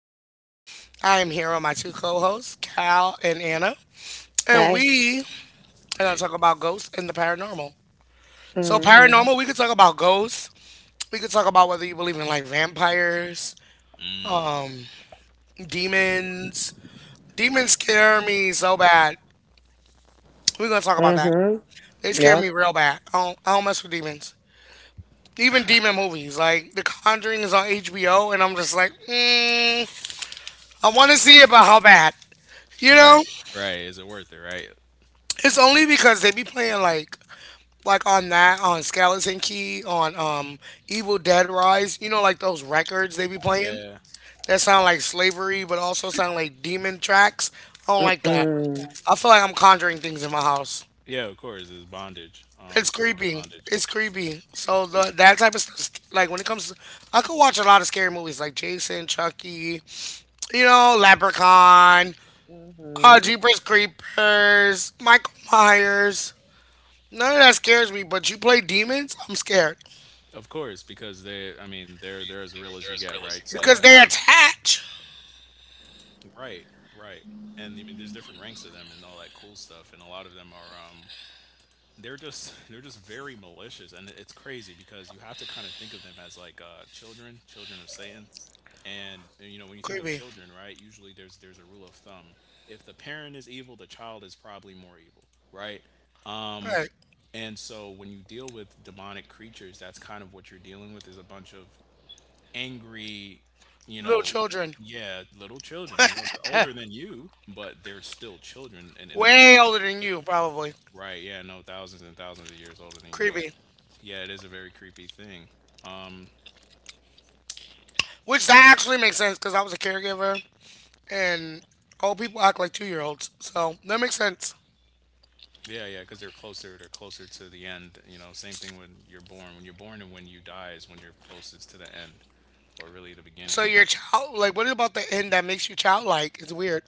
Veronica. I am here with my two co hosts, Cal and Anna. And we are going to talk Eight. about ghosts and the paranormal. So, paranormal, we could talk about ghosts. We could talk about whether you believe in like vampires, Mm. demons. Demons scare me so bad. We're going to talk about that. They scare me Yeah. real bad. I don't mess with demons. Even demon movies, like The Conjuring is on HBO, and I'm just like, mm, I want to see it, but how bad? You know? Right. Right. Is it worth it? Right. It's only because they be playing like on Skeleton Key on Evil Dead Rise. You know, like those records they be playing Yeah. that sound like slavery, but also sound like demon tracks. I don't like that. I feel like I'm conjuring things in my house. Yeah. Of course, it's bondage. It's Spiritual creepy. bondage. It's creepy. So the that type of stuff, like when it comes to, I could watch a lot of scary movies like Jason, Chucky, you know, Leprechaun, Jeepers Creepers, Michael Myers. None of that scares me, but you play demons, I'm scared. Of course, because they. I mean, they're as real as you get, right? So Because you they have. attach. Right. Right. And I mean, there's different ranks of them and all that cool stuff, and a lot of them are they're just very malicious, and it's crazy because you have to kind of think of them as like children, children of Satan. And you know, when you think of Creepy. children, right, usually there's a rule of thumb. If the parent is evil, the child is probably more evil, right? um Alright. and so when you deal with demonic creatures, that's kind of what you're dealing with, is a bunch of angry, you Little know, children. yeah, little children. You know, they're older than you, but they're still children in a grand. Way older than you, probably. Right, yeah, no, thousands and thousands of years older than you, but Creepy. yeah, it is a very creepy thing. Um, Which that actually makes sense because I was a caregiver and old people act like 2 year olds. So that makes sense. yeah, yeah, because they're closer to the end. You know, same thing when you're born. When you're born and when you die is when you're closest to the end, or really the So beginning, I your guess, child like what about the end that makes you childlike? It's weird.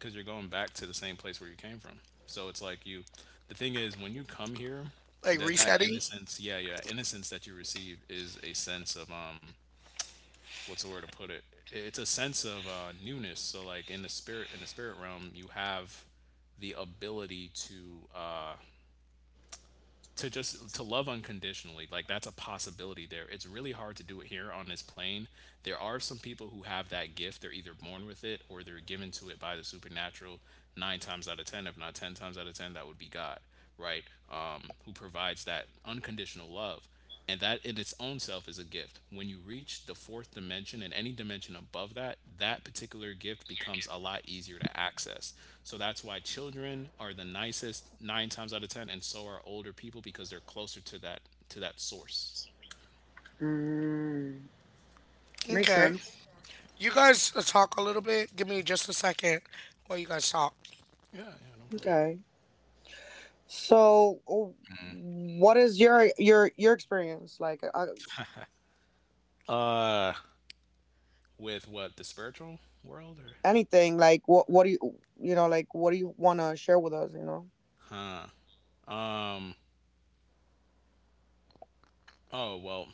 because you're going back to the same place where you came from. So it's like the thing is, when you come here, Like that that resetting? innocence, yeah, yeah, innocence that you receive is a sense of what's the word to put it? It's a sense of newness. So like in the spirit realm, you have the ability to just to love unconditionally. Like that's a possibility there. It's really hard to do it here on this plane. There are some people who have that gift. They're either born with it or they're given to it by the supernatural. Nine times out of ten, if not ten times out of ten, that would be God, right? Who provides that unconditional love, and that in its own self is a gift. When you reach the fourth dimension and any dimension above that, that particular gift becomes a lot easier to access. So that's why children are the nicest nine times out of ten, and so are older people because they're closer to that source. Okay. You guys talk a little bit. Give me just a second while you guys talk. Yeah, yeah, no problem. Uh, with what, the spiritual world or? Oh well,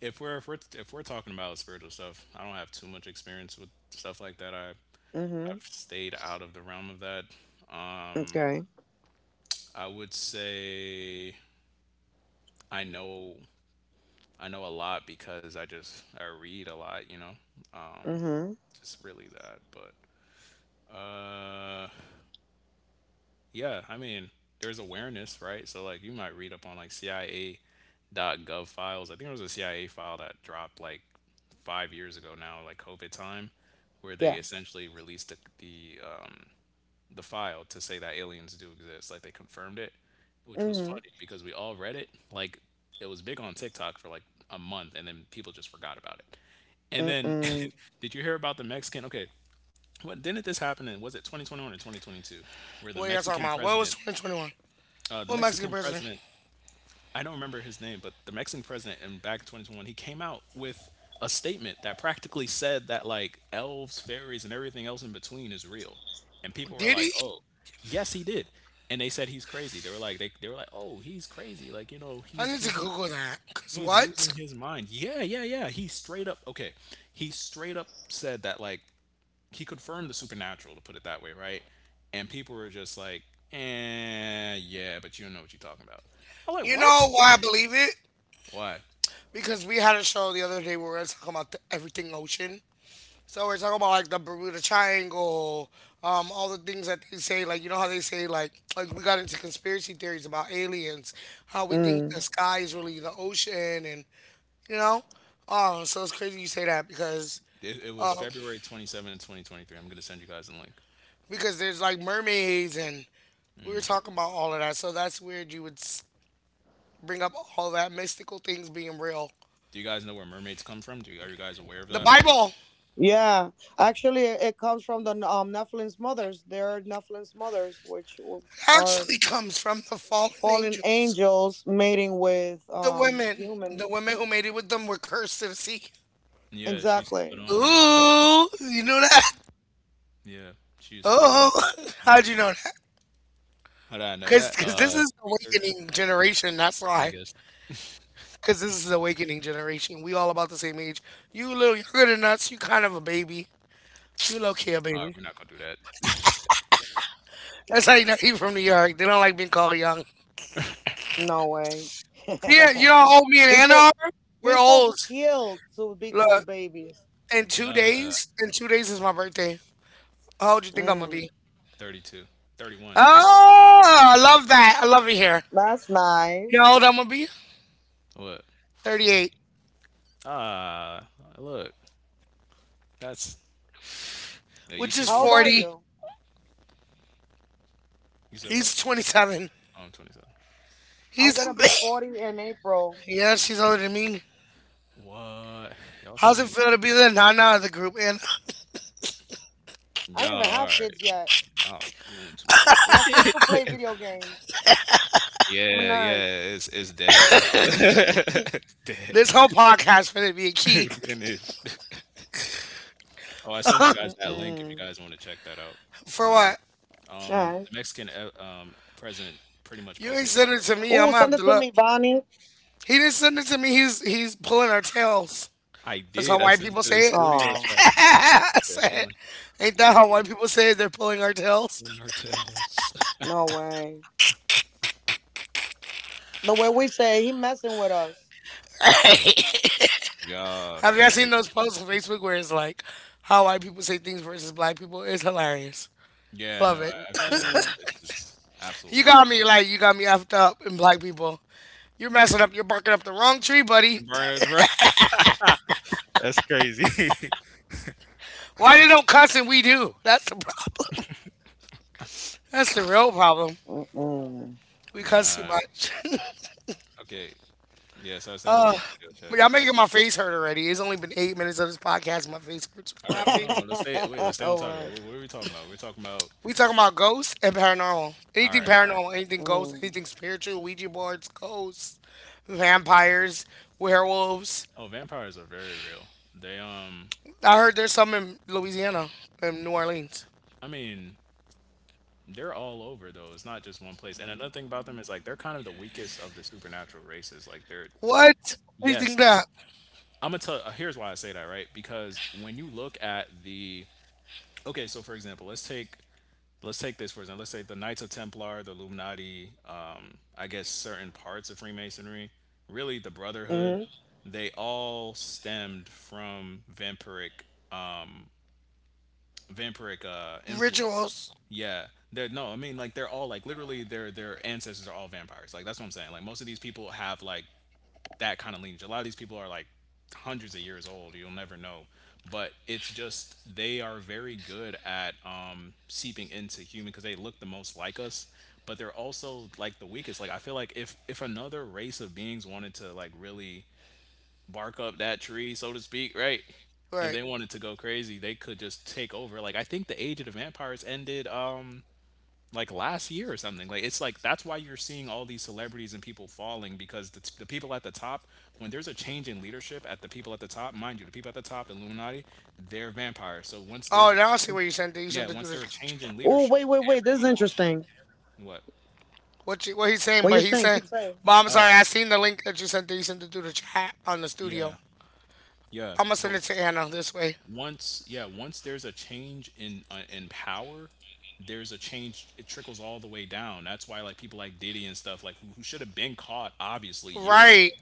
if we're talking about spiritual stuff, I don't have too much experience with stuff like that. I've stayed out of the realm of that. I would say I know I know a lot because I just I read a lot, you know. Just really that, but uh yeah, I mean, there's awareness, right? So like you might read up on like CIA.gov files. I think there was a CIA file that dropped like 5 years ago now, like COVID time, where they essentially released the file to say that aliens do exist, like they confirmed it, which was funny because we all read it, like it was big on TikTok for like a month, and then people just forgot about it. And then, did you hear about the Mexican? Okay, didn't this happen in, was it 2021 or 2022, where the What are you guys talking Mexican about? What was 2021? What Mexican president? president, I don't remember his name, but the Mexican president, in back in 2021, he came out with a statement that practically said that like elves, fairies, and everything else in between is real, and people were like, Diddy? oh, yes, he did, and they said he's crazy. They were like, they were like, oh, he's crazy, like you know, I need to he's not. Google that. Cause He's losing what? his mind. Yeah, yeah, yeah. He straight up okay. He straight up said that like he confirmed the supernatural, to put it that way, right? And people were just like, eh, yeah, but you don't know what you're talking about. I'm like, You know what? why I believe it? Why?" Because we had a show the other day where we were talking about everything ocean. So we're talking about like the Bermuda Triangle, all the things that they say. Like you know how they say like we got into conspiracy theories about aliens, how we think the sky is really the ocean, and you know. So it's crazy you say that It was um, February 27, 2023. I'm going to send you guys a link. because there's like mermaids and we were talking about all of that. So that's weird you would bring up all that mystical things being real. Do you guys know where mermaids come from? Are you guys aware of The that? Bible actually comes from the fallen angels. The women who made it with them were cursed to the sea. Yeah, she's spot on. Yeah. Ooh, you know that? Yeah. She's spot on. Oh, Spot on. how'd you know that? How did I know Because that? cause 'cause this is the Research, awakening generation, that's I why. guess. Because this is the awakening generation. We all about the same age. You a little younger than us, you kind of a baby. You low key a All right, baby. we're not going to do That's how you know you from New York. They don't like being called young. Yeah, you don't owe me an Ann Arbor? We're old. Look, that. In 2 days is my birthday. How old do you think I'm gonna be? 32. 31. Oh, I love that. I love it here. You know how old I'm gonna be? What? Four? 38, Ah, look. That's Hey, you which is keep it young though. 40. You said what? He's 27. Oh, I'm 27. He's a Yeah, she's older than me. What? Y'all How's it sound feel to be the nana of the group? And y'all all right. Y'all doing too much. Yeah, yeah. It's dead for y'all. It's dead. this whole podcast for it to be a key Finished. Oh, I sent you guys that link if you guys want to check that out. for Whenever. what? The Mexican president, pretty much You ain't posting a send photo it of to it now. me. I'm gonna have to look. He didn't send it to me. He's pulling our tails. I That's how did. I white sent people it to the say it. studio chat. I Said, said, "Pulling, ain't you that know, how white people say it? They're pulling our tails. pulling our tails." Y'all Have you guys seen those crazy. posts on Facebook where it's like how white people say things versus black people? It's hilarious. Yeah, Love no, it. I've seen it. It's absolutely. You got me effed up in black people. You're messing up. You're barking up the wrong tree, buddy. Burn it. That's crazy. Why they don't cuss and we do? That's the problem. That's the real problem. We cuss too Nah. much. Okay. Yeah, so I sent it to the studio chat But if you y'all guys. making my face hurt already. It's only been 8 minutes of this podcast. And my face hurts from All right, hold laughing. on. Let's stay on topic. What are we talking about? We're talking about. We talking about ghosts and paranormal. All Anything right, all right. paranormal, anything ghost, anything spiritual, Ouija boards, ghosts, vampires, werewolves, Oh, vampires are very real. They I heard there's some in Louisiana and New Orleans. I mean, they're all over though. It's not just one place. And another thing about them is like they're kind of the weakest of the supernatural races. Like they're. What? How do you Yes, think that? I'm gonna tell. Here's why I say that, right? Because when you look at the okay, so for example, let's take this for example, let's say the Knights of Templar, the Illuminati, I guess certain parts of Freemasonry, really the Brotherhood, they all stemmed from vampiric influence. Rituals. Yeah they're No, I mean, like they're all like literally their ancestors are all vampires, like that's what I'm saying. Like most of these people have like that kind of lineage. A lot of these people are like hundreds of years old. You'll never know. But it's just they are very good at seeping into human because they look the most like us. But they're also like the weakest. Like I feel like if another race of beings wanted to like really bark up that tree, so to speak, right? If Right. they wanted to go crazy, they could just take over. Like I think the Age of the Vampires ended. Like last year or something. Like it's like that's why you're seeing all these celebrities and people falling because the people at the top, when there's a change in leadership at the people at the top, mind you, the people at the top, the Illuminati, they're vampires. So once there's Oh, a now I see where change, you sent it. You yeah, sent it through once the there's a group change chat. in leadership, everyone else, what? What you, what he's saying, but he said, but I'm sorry, Oh, I seen the link that you sent. That you sent it through the chat on the studio. yeah, yeah. I'm gonna send But it to Anna this way. once yeah, once there's a change in power, there's a change, it trickles all the way down. That's why like people like Diddy and stuff, like who should have been caught obviously years Right. ago,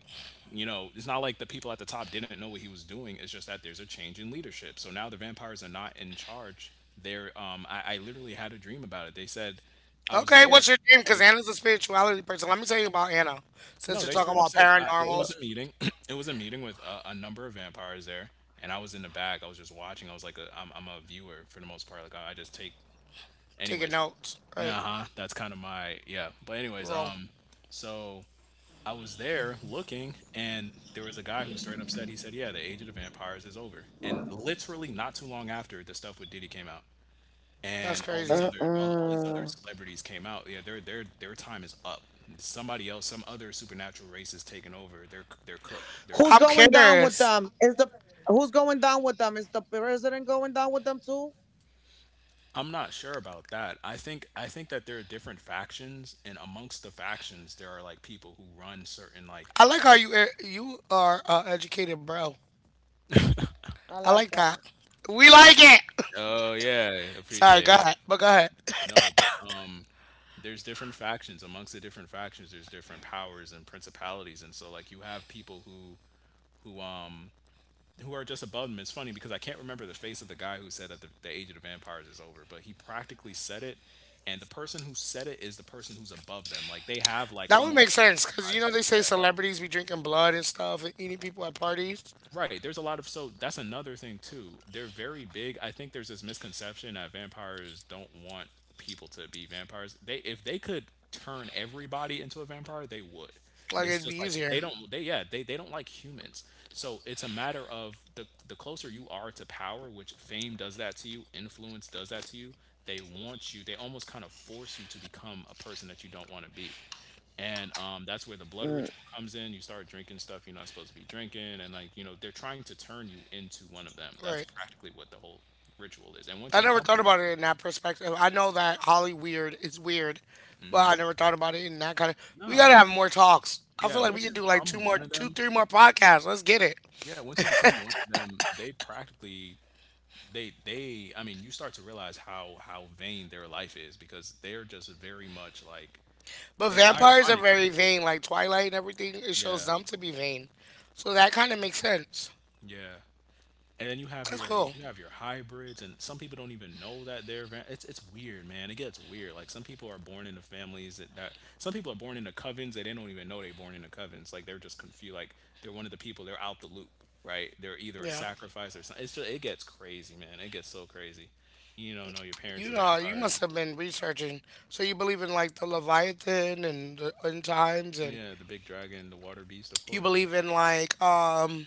you know, it's not like the people at the top didn't know what he was doing. It's just that there's a change in leadership, so now the vampires are not in charge. They're I literally had a dream about it. They said I was Okay. there What's your name? I Because was Anna's a spirituality person. Let me tell you about Anna. Since no, you're they talking straight up about said, it was paranormals, a meeting. It was a meeting with a number of vampires there, and I was in the back. I was just watching. I was like, I'm a viewer for the most part. Like I just take, taking anyways. notes. Uh Right. huh. That's kind of my yeah. But anyways, Roll. So I was there looking, and there was a guy who straight up said, he said, yeah, the age of the vampires is over. And literally not too long after, the stuff with Diddy came out, That's and all these crazy. other all these other celebrities came out. Yeah, their time is up. Somebody else, some other supernatural race is taking over. They're cooked. They're done. I'm curious. I'm not sure about that. I think that there are different factions, and amongst the factions, there are like people who run certain I like how like, you you are educated, bro. I like that. We like it. oh yeah, Sorry, appreciate go it. ahead, but go ahead. No, but there's different factions amongst the different factions. There's different powers and principalities, and so like you have people who um who are just above him. It's funny because I can't remember the face of the guy who said that the age of the vampires is over, but he practically said it. And the person who said it is the person who's above them. Like they have like That would almost make like sense because you know supervisors. they say Yeah. celebrities be drinking blood and stuff and eating people at parties. Right. There's a lot of so that's another thing too. They're very big. I think there's this misconception that vampires don't want people to be vampires. They if they could turn everybody into a vampire, they would. Like It's it'd be just like easier, they yeah, they don't like humans. So it's a matter of the closer you are to power, which fame does that to you, influence does that to you, they want you, they almost kind of force you to become a person that you don't want to be and that's where the blood ritual comes in. You start drinking stuff you're not supposed to be drinking, and they're trying to turn you into one of them. That's right? practically what the whole ritual is. And once I you never become thought about it in that perspective. I know that Holly weird is weird, one of but them. I Hmm. never thought about it in that kind of. We Nah, gotta once have more talks. I yeah, feel like we once could you do like become one of two, them, three more podcasts. Let's get it. yeah, once you become one of them, they practically they I mean, you start to realize how vain their life is because they're just very much like But vampires are ironically, very vain, like Twilight and everything. It shows yeah, them to be vain, so that kind of makes sense. yeah. And then you have That's your cool. Hybrids, and some people don't even know that they're it's weird, man. It gets weird. Like some people are born into families that some people are born into covens that they don't even know they're born into covens. Like they're just confused. Like they're one of the people, they're out the loop, right? They're either a Yeah, sacrifice or something. It's just, it gets crazy, man. It gets so crazy. You don't know your parents you are know, you must vampires. have been researching. So you believe in like the Leviathan and the end times, and Yeah, the big dragon, the water beast, of you course. I mean, believe in like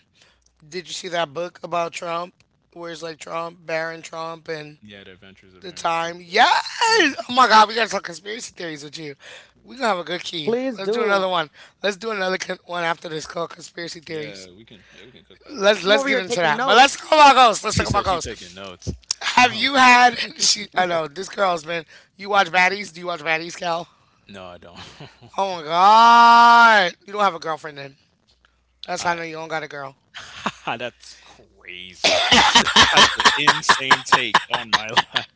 Did you see that book about Trump? Where it's like Trump, Baron Trump, and yeah, the adventures of the Baron Trump, time. yeah. Yes. Oh Mm-hmm. my God, we gotta talk conspiracy theories with you. We gonna have a good key. Let's do another one. Let's do another one after this called conspiracy Yeah, theories. we can, yeah, we can cook that up. Let's get into that. But let's talk about ghosts. Let's She talk about said she's taking ghosts. notes. Have you had she I know, this girl's been you watch baddies? Do you watch baddies, Cal? No, I don't. Oh my god. You don't have a girlfriend then. That's how I I know you don't got a girl. that's crazy. That's an insane take on my life.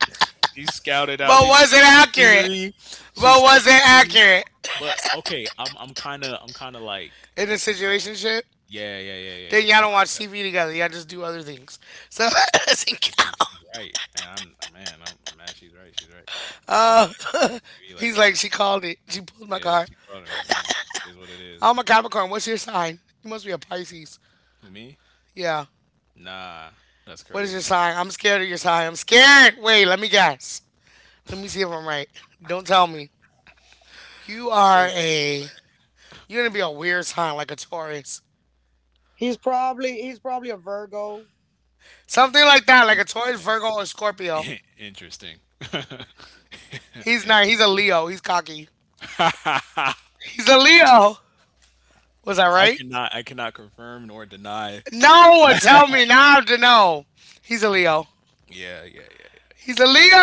She scouted out. But She was it scoped the accurate? scenery. She But was scoped the it scenery. accurate But okay, I'm kind of like in the you know situation shit? yeah, yeah, yeah, yeah, yeah, Then y'all kind of don't like watch that. TV together. Y'all just do other things. So listen, Yeah, she's Cal. she's right, man. I'm mad. She's right. She's right. Can't even lie. I'm watch TV like He's that like, now. she called it. She pulled my Yeah, card. she called it, man. Yeah, it is what it is. I'm a Capricorn. What's your sign? You must be a Pisces. Who, me? Yeah. Nah, that's What is your crazy. sign? I'm scared of your sign. I'm scared. Wait, let me guess. Let me see if I'm right. Don't tell me. You Uh, are a. You're gonna be a weird sign, like a Taurus, something like that, like a Taurus, Virgo, Interesting. or Scorpio. Interesting. He's Interesting. not. He's a Leo. He's cocky. He's a Leo. Was I I right? cannot I cannot confirm nor deny. No, tell me now. I have to know. He's a Leo. Yeah, yeah, yeah. He's a Leo.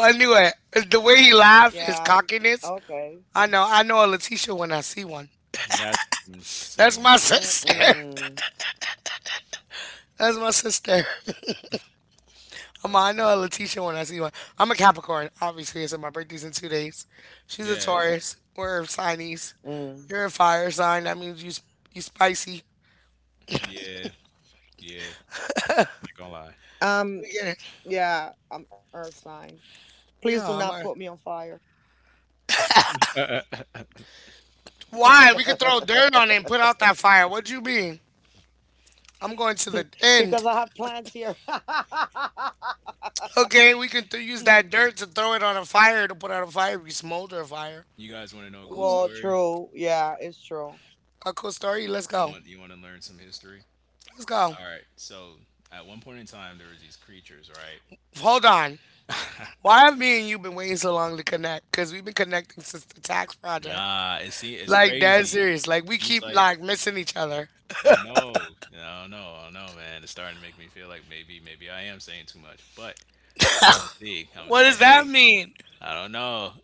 I knew it. The way he laughs, his cockiness. I know. I know a Letitia when I see one. Yeah. That's That's insane. my sister. That's my sister. Okay. I know a Letitia when I see one. I'm a Capricorn, obviously, so my birthday's in 2 days. She's a Yeah, Taurus. We're signies. You're a fire sign. That means you you spicy. yeah. Yeah. Yeah. Not gonna We get it. Yeah, I'm a. lie. Why? We could throw dirt on it and put out that fire. What you mean? I'm going to the end. Okay, we can use that dirt to throw it on a fire to put out a fire. We smolder a fire. You guys want to know a cool Ooh, story? a cool story. Let's Y'all go. want, you want to learn some history? Let's go. All right. So at one point in time, there was these creatures, right? Hold on. Why have me and you been waiting so long to connect? Because we've been connecting since the tax project. Nah, it see, it's Like dead crazy. serious. Like we Seems keep like like missing each other. I know. I don't know. I don't know, man. It's starting to make me feel like maybe I am saying too much, but we gonna see. I'm gonna What say, does that hey, mean? I don't know.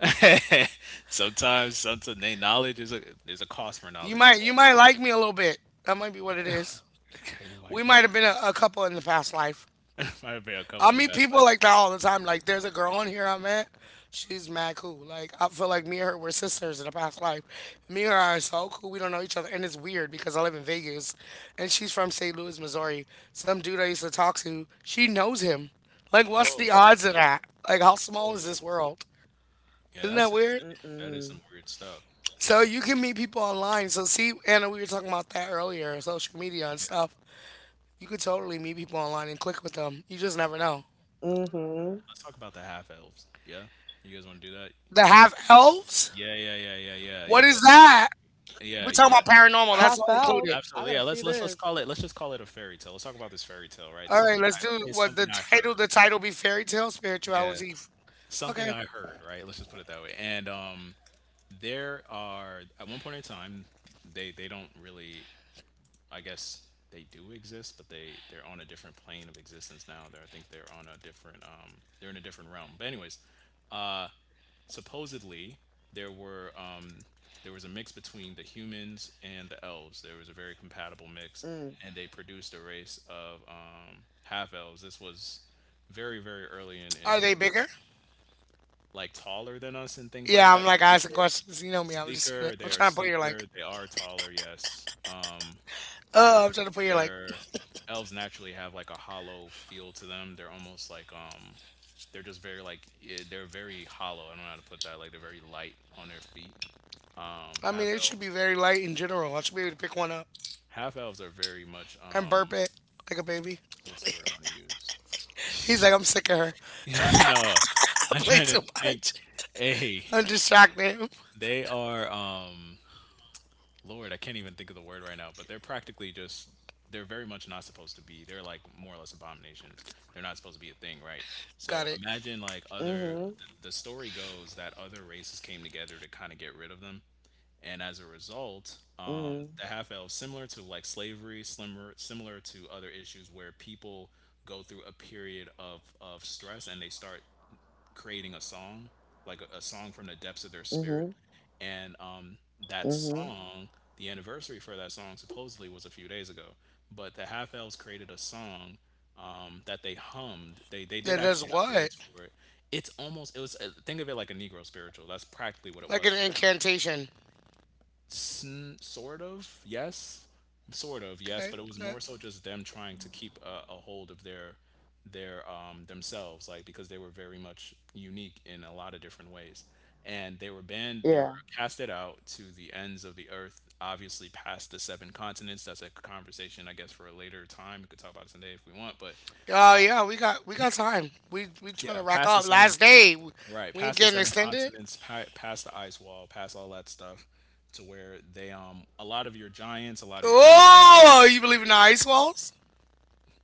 sometimes, they knowledge is a there's a cost for knowledge, You but might like me a little bit. That might be what it is. okay, you We might be might have been a couple in the past life. might have been a couple I in the meet past people life. like that all the time. Like there's a girl on here I met. She's mad cool. Like I feel like me and her were sisters in a past life. Me and her are so cool. We don't know each other, and it's weird because I live in Vegas, and she's from St. Louis, Missouri. Some dude I used to talk to, she knows him. Like what's the Oh, odds of that? Like how small is oh, this world? yeah, Isn't that's that weird? insane. That is some weird stuff. So you can meet people online. So see, Anna, we were talking about that earlier, social media and Yeah, stuff. You could totally meet people online and click with them. You just never know. let's talk about the half elves. Yeah, you guys want to do that? The half elves? Yeah, yeah, yeah, yeah, yeah, yeah, What yeah. is that? Yeah, We're you talking guys. about paranormal. That's all included. Absolutely, yeah, let's call it, let's just call it a fairy tale. Let's talk about this fairy tale, right? All right, Something let's I Let's do say what the something I title. heard. The title be fairy tale Yeah. spirituality. Something Okay. I heard, right? Let's just put it that way. And there are at one point in time, they don't really, I guess they do exist, but they're on a different plane of existence now. They're, I think they're on a different they're in a different realm. But anyways, uh, supposedly there were there was a mix between the humans and the elves. There was a very compatible mix, and they produced a race of half elves. This was very very early in Are they history, bigger? like taller than us and things like Yeah, I'm that. like asking Sleeker, questions. You know me. I'm just. sleeker. I'm They are trying to put your sleeker. like. They are taller. Yes. Their I'm trying to put your like. their elves naturally have like a hollow feel to them. They're almost like they're just very like they're very hollow. I don't know how to put that. Like they're very light on their feet. I mean, Half it should be elves. very light in general. I should be able to pick one up Half elves are very much and burp it like a baby. what's the word I want to use? He's like, Silly. I'm sick of her. No. I'm Played trying to so think. much. Hey, I just shocked him. they are Lord, I can't even think of the word right now, but they're practically just they're very much not supposed to be. They're like more or less abominations. They're not supposed to be a thing, right? Got So it. imagine like the story goes that other races came together to kind of get rid of them. And as a result, the half elves, similar to like slavery, similar to other issues where people go through a period of stress, and they start creating a song, like a song from the depths of their spirit. And that song, the anniversary for that song supposedly was a few days ago, but the half elves created a song that they hummed. They did That does actually have what? words for it. It's almost, it was think of it like a Negro spiritual. That's practically what it Like was an for them. incantation. Sort of, yes, sort of, yes, Okay. but it was Okay. more so just them trying to keep a hold of their themselves, like, because they were very much unique in a lot of different ways, and they were banned, they were casted out to the ends of the earth, obviously past the seven continents. That's a conversation I guess for a later time. We could talk about it someday if we want, but Oh yeah, we got time. We trying to yeah, rock past the up. seven, Last day. right, We ain't past the getting seven extended. continents, past the ice wall, past all that stuff, to where they a lot of your giants, a lot of your elves, a lot of Oh, your you believe in the fairies. ice walls?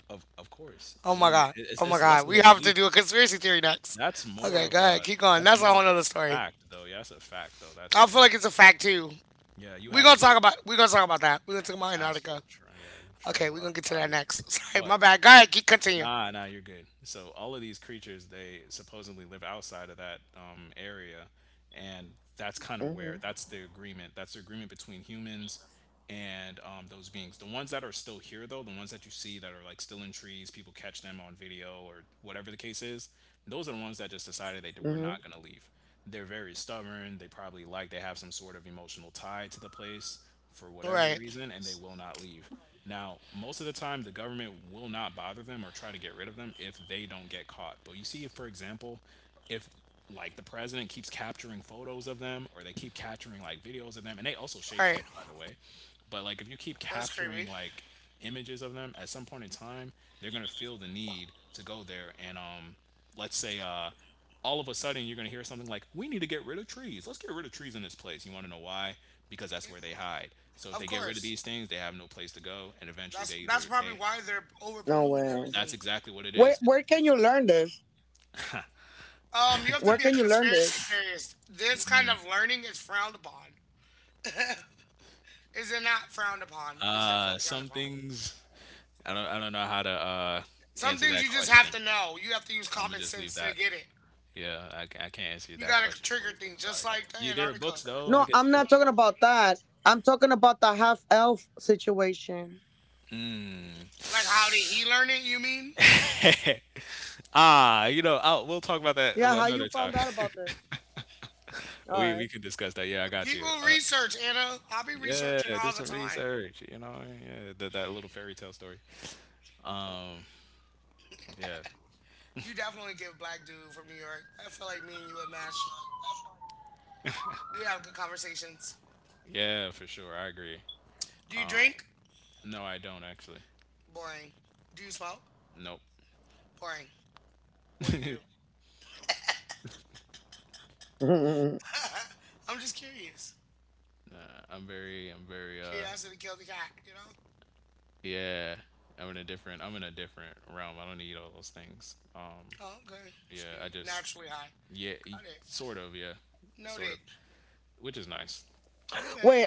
Of course. Oh What my do you mean? god. Oh my It's less god. of We a have to belief. do a conspiracy theory next. That's more Okay, of go ahead. a, Keep going. that's That's a more of whole a nother story. fact though. Yeah, that's a fact though. That's a I feel thing. like it's a fact too. Yeah, you We're have to gonna be talk able about to we're gonna talk about that. We're gonna talk about Antarctica. Yeah, Okay, travel we're out gonna your get to that body. next. Sorry, my But bad. Go ahead, keep continue. nah, nah, you're good. So all of these creatures, they supposedly live outside of that area, and that's kind of where that's the agreement between humans and those beings. The ones that are still here though, the ones that you see that are like still in trees, people catch them on video or whatever the case is, those are the ones that just decided they were not going to leave. They're very stubborn. They probably like, they have some sort of emotional tie to the place for All whatever right. reason, and they will not leave. Now most of the time the government will not bother them or try to get rid of them if they don't get caught. But you see, for example, if like the president keeps capturing photos of them, or they keep capturing like videos of them, and they also All right. shapeshift by the way, but like if you keep That's capturing creepy. like images of them, at some point in time they're going to feel the need to go there, and let's say all of a sudden you're going to hear something like, we need to get rid of trees, let's get rid of trees in this place. You want to know why? Because that's where they hide. So if Of they get rid of course. these things, they have no place to go, and eventually That's they that's either probably they why they're over polluting that's everything. exactly what it is. it's, You have to be a conspiracy theorist. This it's kind mm, of learning is frowned upon. Is it not frowned upon? It's definitely frowned some upon. things, I don't know how to Some answer things that you just have question. to know. You have to use I'm gonna common just leave sense to that. get it. Yeah, I, I can't answer You that gotta question for trigger you. things Sorry. just like the You there are books Antarctica. though. I guess you could look. Mm. Like how did he learn it, you mean? You know, we'll talk about that another time. We can discuss that. Yeah, I got you. People research, Anna. I'll be researching Yeah, do all the some time. research. You know, yeah, that that little fairy tale story. Um, yeah, You definitely give black dude from New York. I feel like me and you would match. We have good conversations. yeah, for sure. I agree. Do you drink? No, I don't actually. Boring. Do you smoke? Nope. Boring. What do you Nah, do? I'm just curious. I'm very Curiosity killed the cat, you know? yeah, I'm in a different realm. I don't need all those things. Oh, okay. So Yeah, I you just naturally high. yeah, Got it. sort of, yeah, sort of, Noted. which is nice. Okay.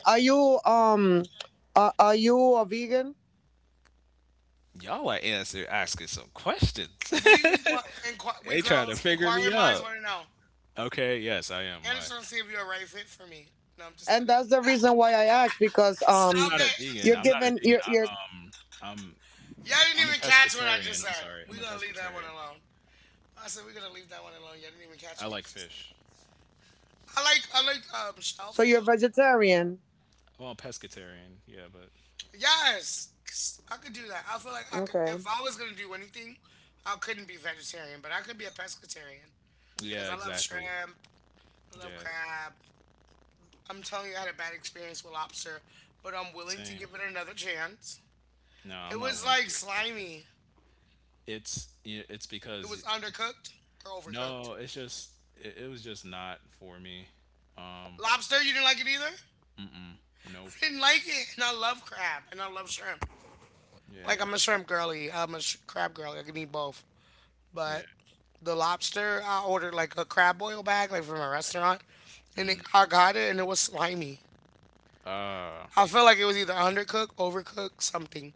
Y'all are answer asking some questions. We want inqu- we They trying to girls figure me inquiring minds out. want to know. Okay, yes, I am. And Why? it's trying to see if you're a right fit for me. No, I'm just kidding. I'm Stop not a vegan. it. I'm not a vegan. I'm Y'all I'm didn't a even catch what I pescatarian. just I'm said. sorry. I'm We're a gonna leave that one pescatarian. alone. I said we're gonna leave that one alone. Y'all didn't even I catch what I like just said. fish. I like shellfish. Well, pescatarian. Yeah, but Yes, 'cause I could do that. I feel like I could. If I was gonna do anything, I couldn't be vegetarian, but I could be a pescatarian yeah, because I love exactly. shrimp. I love Yeah, crab. I'm telling you, I had a bad experience with lobster, but I'm willing to same. give it another chance. No, I'm It not was willing to like give it another chance. slimy. It's It because was undercooked or overcooked. no, it's just it was just not for me. Um, Lobster, you didn't like it either. I nope. didn't like it, and I love crab and I love shrimp. Like Yeah, I'm a shrimp girly. I'm a crab girly. I can eat both. yeah. But the lobster, I ordered like a crab boil bag, like from a restaurant, and it, Mm. I got it and it was slimy. Uh, I felt like it was either undercooked, overcooked, something.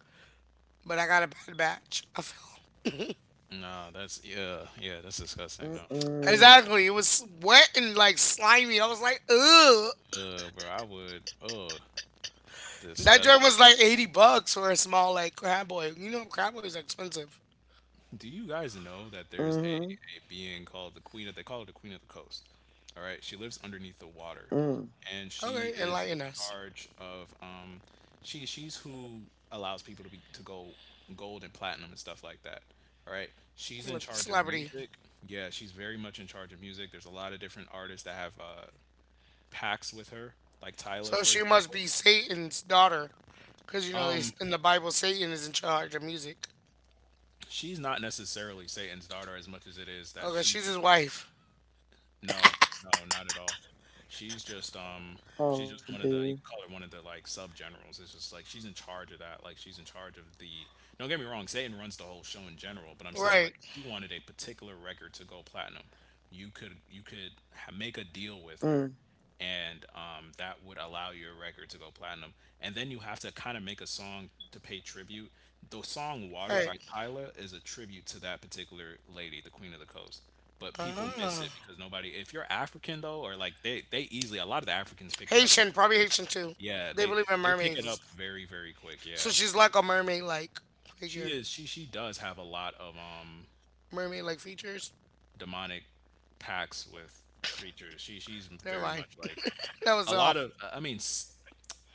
But I got a bad batch. I felt nah, that's yeah, yeah. That's disgusting. No, exactly. It was wet and like slimy. I was like, ugh. Bro, I would. And that drink Disgusting. was like $80 for a small like crab boil. You know, crab boils are expensive. Do you guys know that there's a being called the Queen of, they call her the Queen of the Coast? All right. She lives underneath the water and she Okay, is in enlighten us. charge of, she's who allows people to be, to go gold and platinum and stuff like that. All right. She's in Look, charge of celebrity. music. Yeah. She's very much in charge of music. There's a lot of different artists that have, pacts with her, like Tyla, So for she must example. be Satan's daughter, because you know they, Um, in the Bible Satan is in charge of music. she's not necessarily Satan's daughter as much as it is that Okay, she she's his just— wife. No, no, not at all. She's just um she's just one of the— you can call her one of the like sub generals. It's just like she's in charge of that. Like she's in charge of the— don't get me wrong, Zayden runs the whole show in general, but I'm saying like Right, if you wanted a particular record to go platinum, you could make a deal with her and that would allow your record to go platinum. And then you have to kind of make a song to pay tribute. The song "Water" right. by Tyler is a tribute to that particular lady, the Queen of the Coast. But people miss Ah. it because nobody— if you're African though, or like they easily— a lot of the Africans picked it up Haitian, really probably quick. Haitian too. Yeah, They they believe in they pick mermaids. it And up stuff. very quick. Yeah, So she's like a mermaid like she figure. is— she does have a lot of Mermaid like features. demonic pacts with creatures. She's Never very mind. much like That was a lot off. of— I mean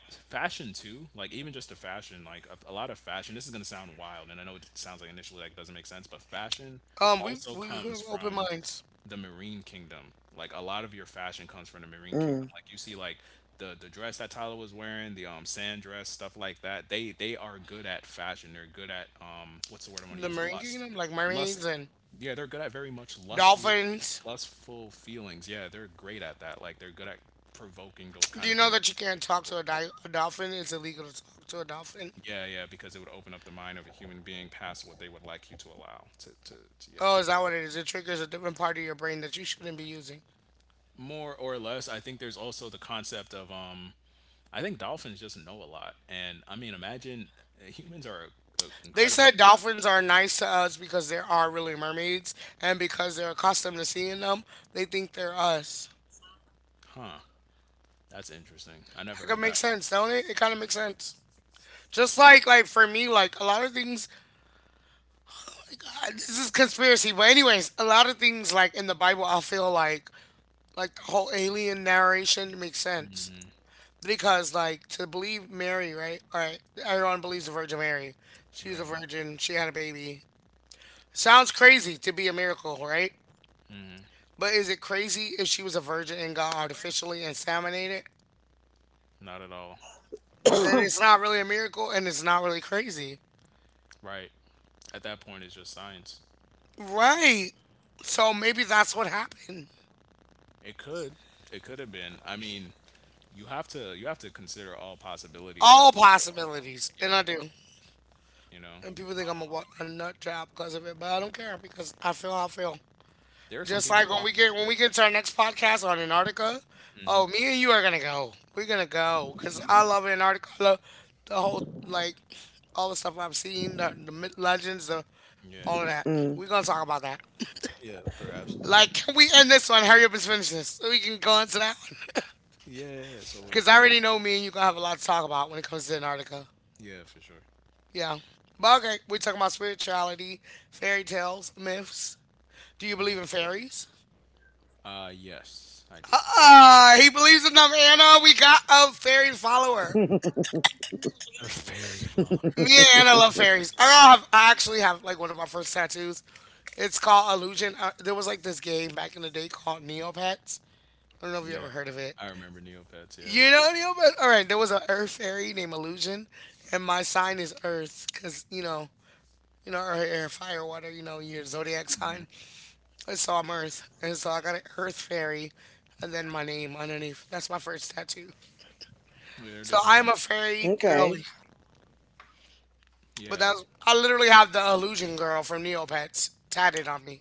fashion too, like even just a fashion, like a lot of fashion— this is going to sound wild and I know it sounds like initially like it doesn't make sense, but fashion Um, we also we comes have open from minds. the marine kingdom. Like a lot of your fashion comes from the marine kingdom, like you see like the dress that Tyler was wearing, the sand dress, stuff like that. They are good at fashion, they're good at what's the word I want to The use— marine lust. kingdom, like mermaids Lust, and yeah, they're good at— very much lust, dolphins. lustful feelings, yeah, they're great at that. Like they're good at provoking those kind Do of you know that you emotions in can't talk people. to a, di- a dolphin? It's illegal to talk to a dolphin. Yeah, yeah, because it would open up the mind of a human being past what they would like you to allow. To Yeah. Oh, is that what it is? It triggers a different part of your brain that you shouldn't be using. More or less, I think there's also the concept of. I think dolphins just know a lot, and I mean, imagine humans are They incredibly said adaptable. dolphins are nice to us because there are really mermaids, and because they're accustomed to seeing them, they think they're us. Huh? That's interesting. I never That heard could that make sense, don't it? It kind of makes sense. Just like for me, like a lot of things. This is conspiracy, but anyways, a lot of things like in the Bible, I feel like the whole alien narration makes sense because, like, to believe Mary, right? All right, everyone believes the Virgin Mary. one. She was a Right. virgin. She had a baby. Sounds crazy to be a miracle, right? But is it crazy if she was a virgin and got artificially inseminated? Not at all. Then it's not really a miracle and it's not really crazy. Right. At that point, it's just science. Right. So maybe that's what happened. It could. It could have been. I mean, you have to— you have to consider all possibilities at All the very minimum. possibilities. And I Yeah. do. You know, And people think I'm a, wa- a nut job because of it, but I don't care because I feel how I feel. there are some Just people like when we walking get when today. we get to our next podcast on Antarctica, Hmm. oh, me and you are gonna go. We're gonna go because I love Antarctica. I love the whole like all the stuff I've seen, the myth legends, the Yeah. all of that. We're gonna talk about that. Yeah, for absolute sure. Like, can we end this one? Hurry up and finish this so we can go on to that one. Yeah, so Because I already know me and you gonna have a lot to talk about when it comes to Antarctica. yeah, for sure. Yeah. But okay, we're talking about spirituality, fairy tales, myths. Do you Yeah. believe in fairies? Yes, I do. He believes in them. Anna, we got a fairy follower. A fairy follower. Me and Anna love fairies. I have. I actually have like one of my first tattoos. It's called Illusion. There was like this game back in the day called Neopets. I don't know if you ever Yeah. heard of it. I remember Neopets, yeah. You know Neopets? All right. There was an Earth fairy named Illusion, and my sign is Earth because you know. You know, earth, air, fire, water, you know, your zodiac Hmm. sign. And so I'm Earth. And so I got an Earth fairy and then my name underneath. That's my first tattoo. Yeah, they're So different I'm a kinds. fairy girly. But Yeah. that's I literally have the illusion girl from Neopets tatted on me.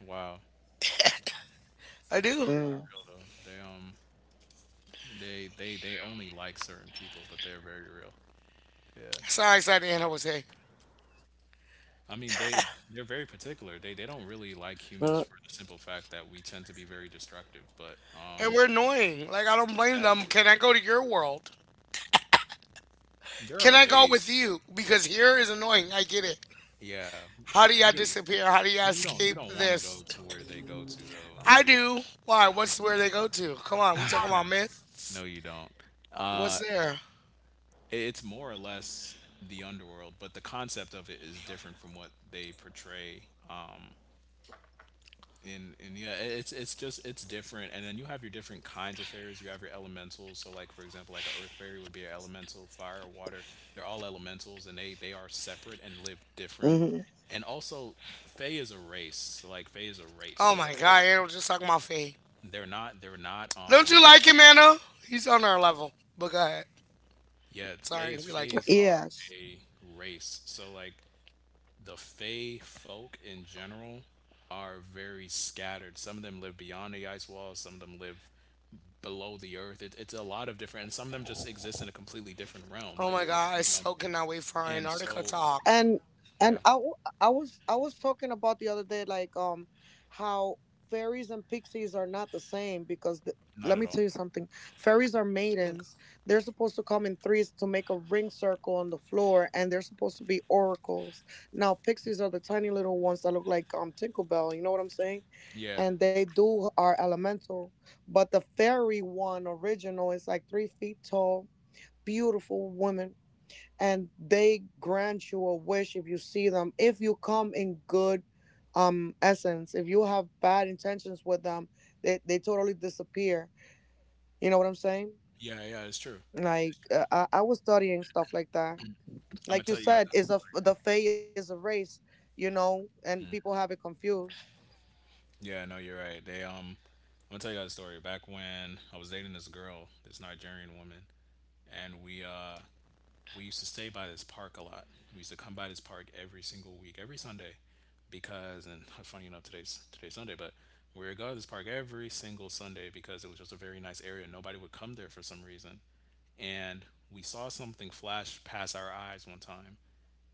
Wow. I do. Fairies are real though. They they only like certain people, but they're very real. Yeah. That's how excited Anna was saying. I mean they're very particular. They don't really like humans for the simple fact that we tend to be very destructive, but And we're annoying. Like I don't blame that them. Can I go to your world? there Can are I go with ways. you? Because here is annoying. I get it. Yeah. How do y'all You don't— disappear? How do y'all you don't you escape don't wanna this? go to where they go to though, Imma I be do. Why? honest. What's where No, they you go to? Come on, we talking about don't. myths. No, you don't. What's I there? It's more or less the underworld, but the concept of it is different from what they portray. And yeah, it's just it's different. And then you have your different kinds of fairies. You have your elementals. So like for example, like a earth fairy would be an elemental, fire, water. They're all elementals, and they are separate and live different. And also, Fae is a race. So like Fae is a race. Oh So my like— god, Anna was just talking about Faye. They're not. They're not. Don't you like him, Anna? He's on our level. But go ahead. Yeah. Sorry, Fays. we like you. Fays are a race. So like the Fey folk in general are very scattered. Some of them live beyond the ice wall. Some of them live below the earth. It's a lot of different. And some of them just exist in a completely different realm. Oh Like my there's god, I different so realms. cannot wait for our And Antarctica so talk. yeah, not at all. Oh my god, Yeah. Yeah. Yeah. It's true. It's true. I'm gonna tell you guys that story. Yeah, no, you're right. They I'm gonna tell you guys a story. Back when I was dating this girl, this Nigerian woman, and we used to stay by this park a lot. We used to come by this park every single week, every Sunday, because— and funny enough, today's Sunday, but we would go to this park every single Sunday because it was just a very nice area. Nobody would come there for some reason, and we saw something flash past our eyes one time.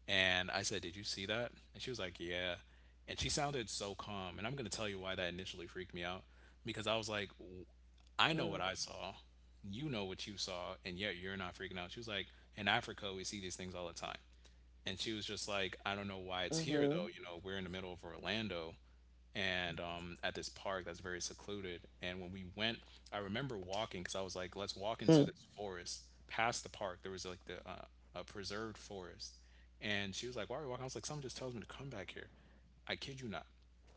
And I said, "Did you see that?" And she was like, "Yeah." And she sounded so calm, and I'm gonna tell you why that initially freaked me out, because I was like, I know what I saw. You know what you saw, and yet you're not freaking out. She was like, in Africa, we see these things all the time. And she was just like, I don't know why it's here though. You know, we're in the middle of Orlando and at this park that's very secluded. And when we went, I remember walking because I was like, let's walk into this forest past the park. There was like the a preserved forest. And she was like, why are we walking? I was like, someone just tells me to come back here. I kid you not.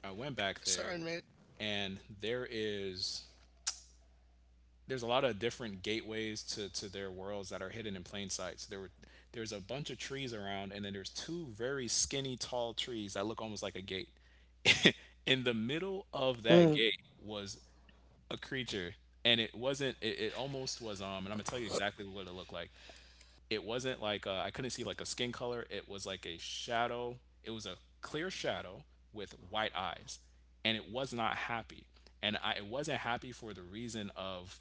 I went back there discernment. and there is— there's a lot of different gateways to their worlds that are hidden in plain sight. So there were— there's a bunch of trees around, and then there's two very skinny, tall trees that look almost like a gate. In the middle of that gate was a creature, and it wasn't. It almost was. And I'm gonna tell you exactly what it looked like. It wasn't like— I couldn't see like a skin color. It was like a shadow. It was a clear shadow with white eyes, and it was not happy. And I— it wasn't happy for the reason of—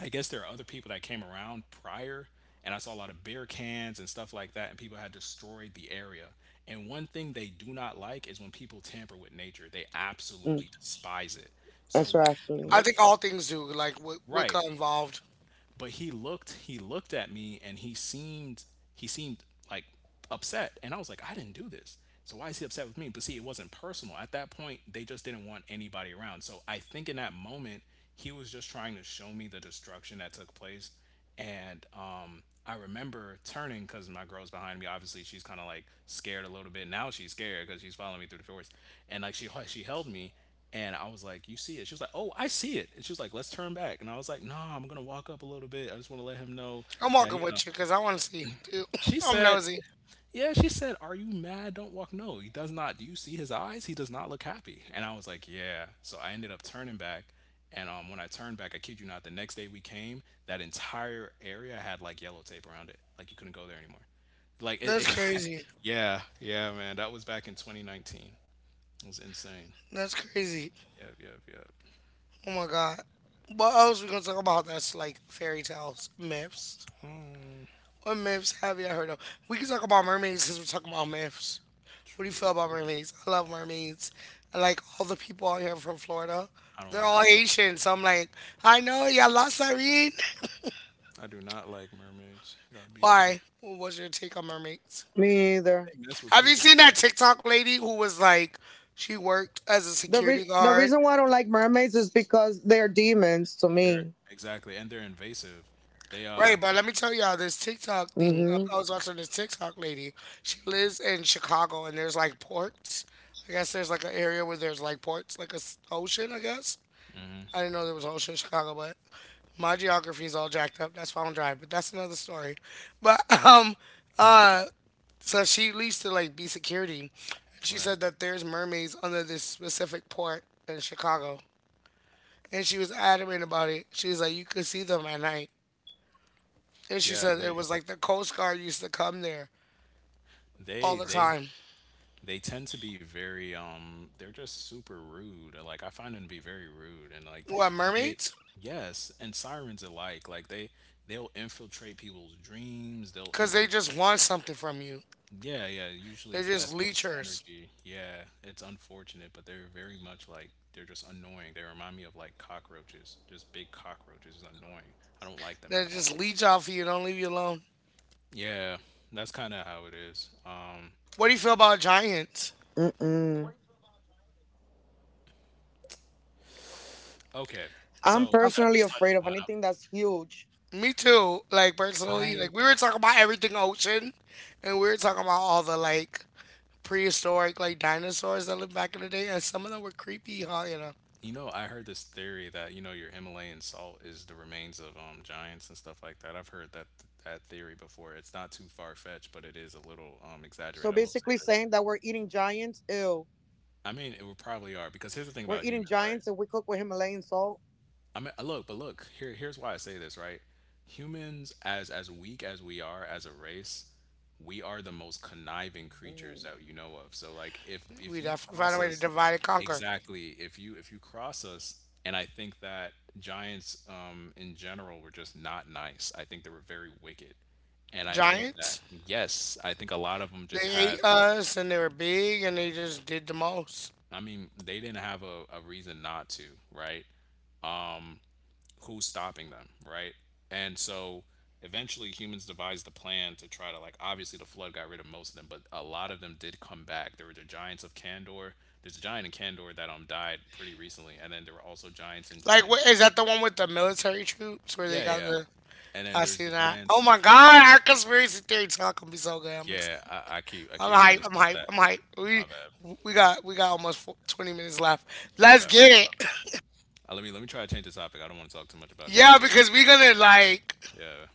I guess there are other people that came around prior, and I saw a lot of beer cans and stuff like that, and people had destroyed the area. And one thing they do not like is when people tamper with nature. They absolutely despise it. So when he I looked— think all things do, like with right, Wicca involved. but he looked at me and he seemed— he seemed like upset, and I was like, I didn't do this, so why is he upset with me? But see, it wasn't personal. At that point they just didn't want anybody around. So I think in that moment he was just trying to show me the destruction that took place. And I remember turning because my girl's behind me, obviously she's kind of like scared a little bit. Now she's scared because she's following me through the forest, and like she held me and I was like, "You see it?" She was like, "Oh, I see it." And she was like, "Let's turn back." And I was like, "No, I'm gonna walk up a little bit. I just want to let him know I'm that walking you know." with you because I want to see. Dude, She I'm said, nosy. "Yeah." She said, "Are you mad? Don't walk." No, he does not. Do you see his eyes? He does not look happy. And I was like, "Yeah." So I ended up turning back. And when I turned back, I kid you not, the next day we came, that entire area had like yellow tape around it. Like you couldn't go there anymore. Like That's it— crazy. yeah, yeah, man. That was back in 2019. It was insane. That's crazy. Yep, yep, yep. Oh my god. What else we gonna talk about that's like fairy tales, myths? Mm. What myths have you heard of? We can talk about mermaids since we're talking about myths. What do you feel about True. mermaids? I love mermaids. I like all the people out here from Florida. I don't They're like all them. Haitian, so I'm like, I know y'all lost Irene. I do not like mermaids. I got beef with them. Why? What was your take on mermaids? They mess with Have you people seen too that much. TikTok lady who was like, she worked as a security guard? They're— exactly, and they're invasive. They Right, but let me tell y'all this TikTok thing. I was watching this TikTok lady. She lives in Chicago, and there's like ports. I guess there's like an area where there's like ports, like a ocean. I guess I didn't know there was an ocean in Chicago, but my geography is all jacked up. That's why I don't drive, but that's another story. But um, uh, so she used to like be security. She right? said that there's mermaids under this specific port in Chicago, and she was adamant about it. She was like, you could see them at night, and she Yeah, said it they was like the Coast Guard used to come there all they the they time. they tend to be very. They're just super rude. Like I find them to be very rude, and like What they— mermaids? yes, and sirens alike. Like they they'll infiltrate people's dreams. They'll Cause they infiltrate. just want something from you. Yeah, yeah. Usually They're it's just essence, leechers. energy. Yeah, it's unfortunate, but they're very much like— they're just annoying. They remind me of like cockroaches, just big cockroaches. Is annoying. I don't like them They at all. just leech off you. Don't leave you alone. Yeah, that's kind of how it is. What do you feel about giants? Okay, so I that's a touchy one. me too. Like personally, like I— we were talking about everything ocean, and we were talking about all the like prehistoric like dinosaurs that lived back in the day, and some of them were creepy. Huh? You know, you know, I heard this theory that you know your Himalayan salt is the remains of giants and stuff like that. I've heard that that theory before. It's not too far fetched, but it is a little exaggerated. I will say this. I mean, it would probably are because here's the thing about humans, right? I mean, look, but look, here's why I say this, right? Humans, as weak as we are as a race, we are the most conniving creatures that you know of. So, like, if we if you definitely find a cross way to us, divide and conquer. exactly, if you cross us. And I think that giants, in general, were just not nice. I think they were very wicked. And I think that, Giants, yes, I think a lot of them just they ate had— us, and they were big, and they just did the most. I mean, they didn't have a reason not to, right? Who's stopping them, right? And so eventually humans devised a plan to try to, like, obviously the flood got rid of most of them, but a lot of them did come back. There were the giants of Kandor. There's a giant in Kandor that died pretty recently, and then there were also giants in, Like, in what is that? The one with the military troops where they yeah, yeah, got yeah, the? and then I there's see the that. Oh my giants. God, our conspiracy theory talk gonna be so good. I'm excited. Yeah, I, I keep I I'm keep hype. forgetting I'm it's not hype. that. I'm hype. We My bad, we got we got almost four, 20 minutes left. Let's get my it. bad. Let me try to change the topic. I don't want to talk too much about Yeah, conspiracy because we're stuff. gonna like Yeah.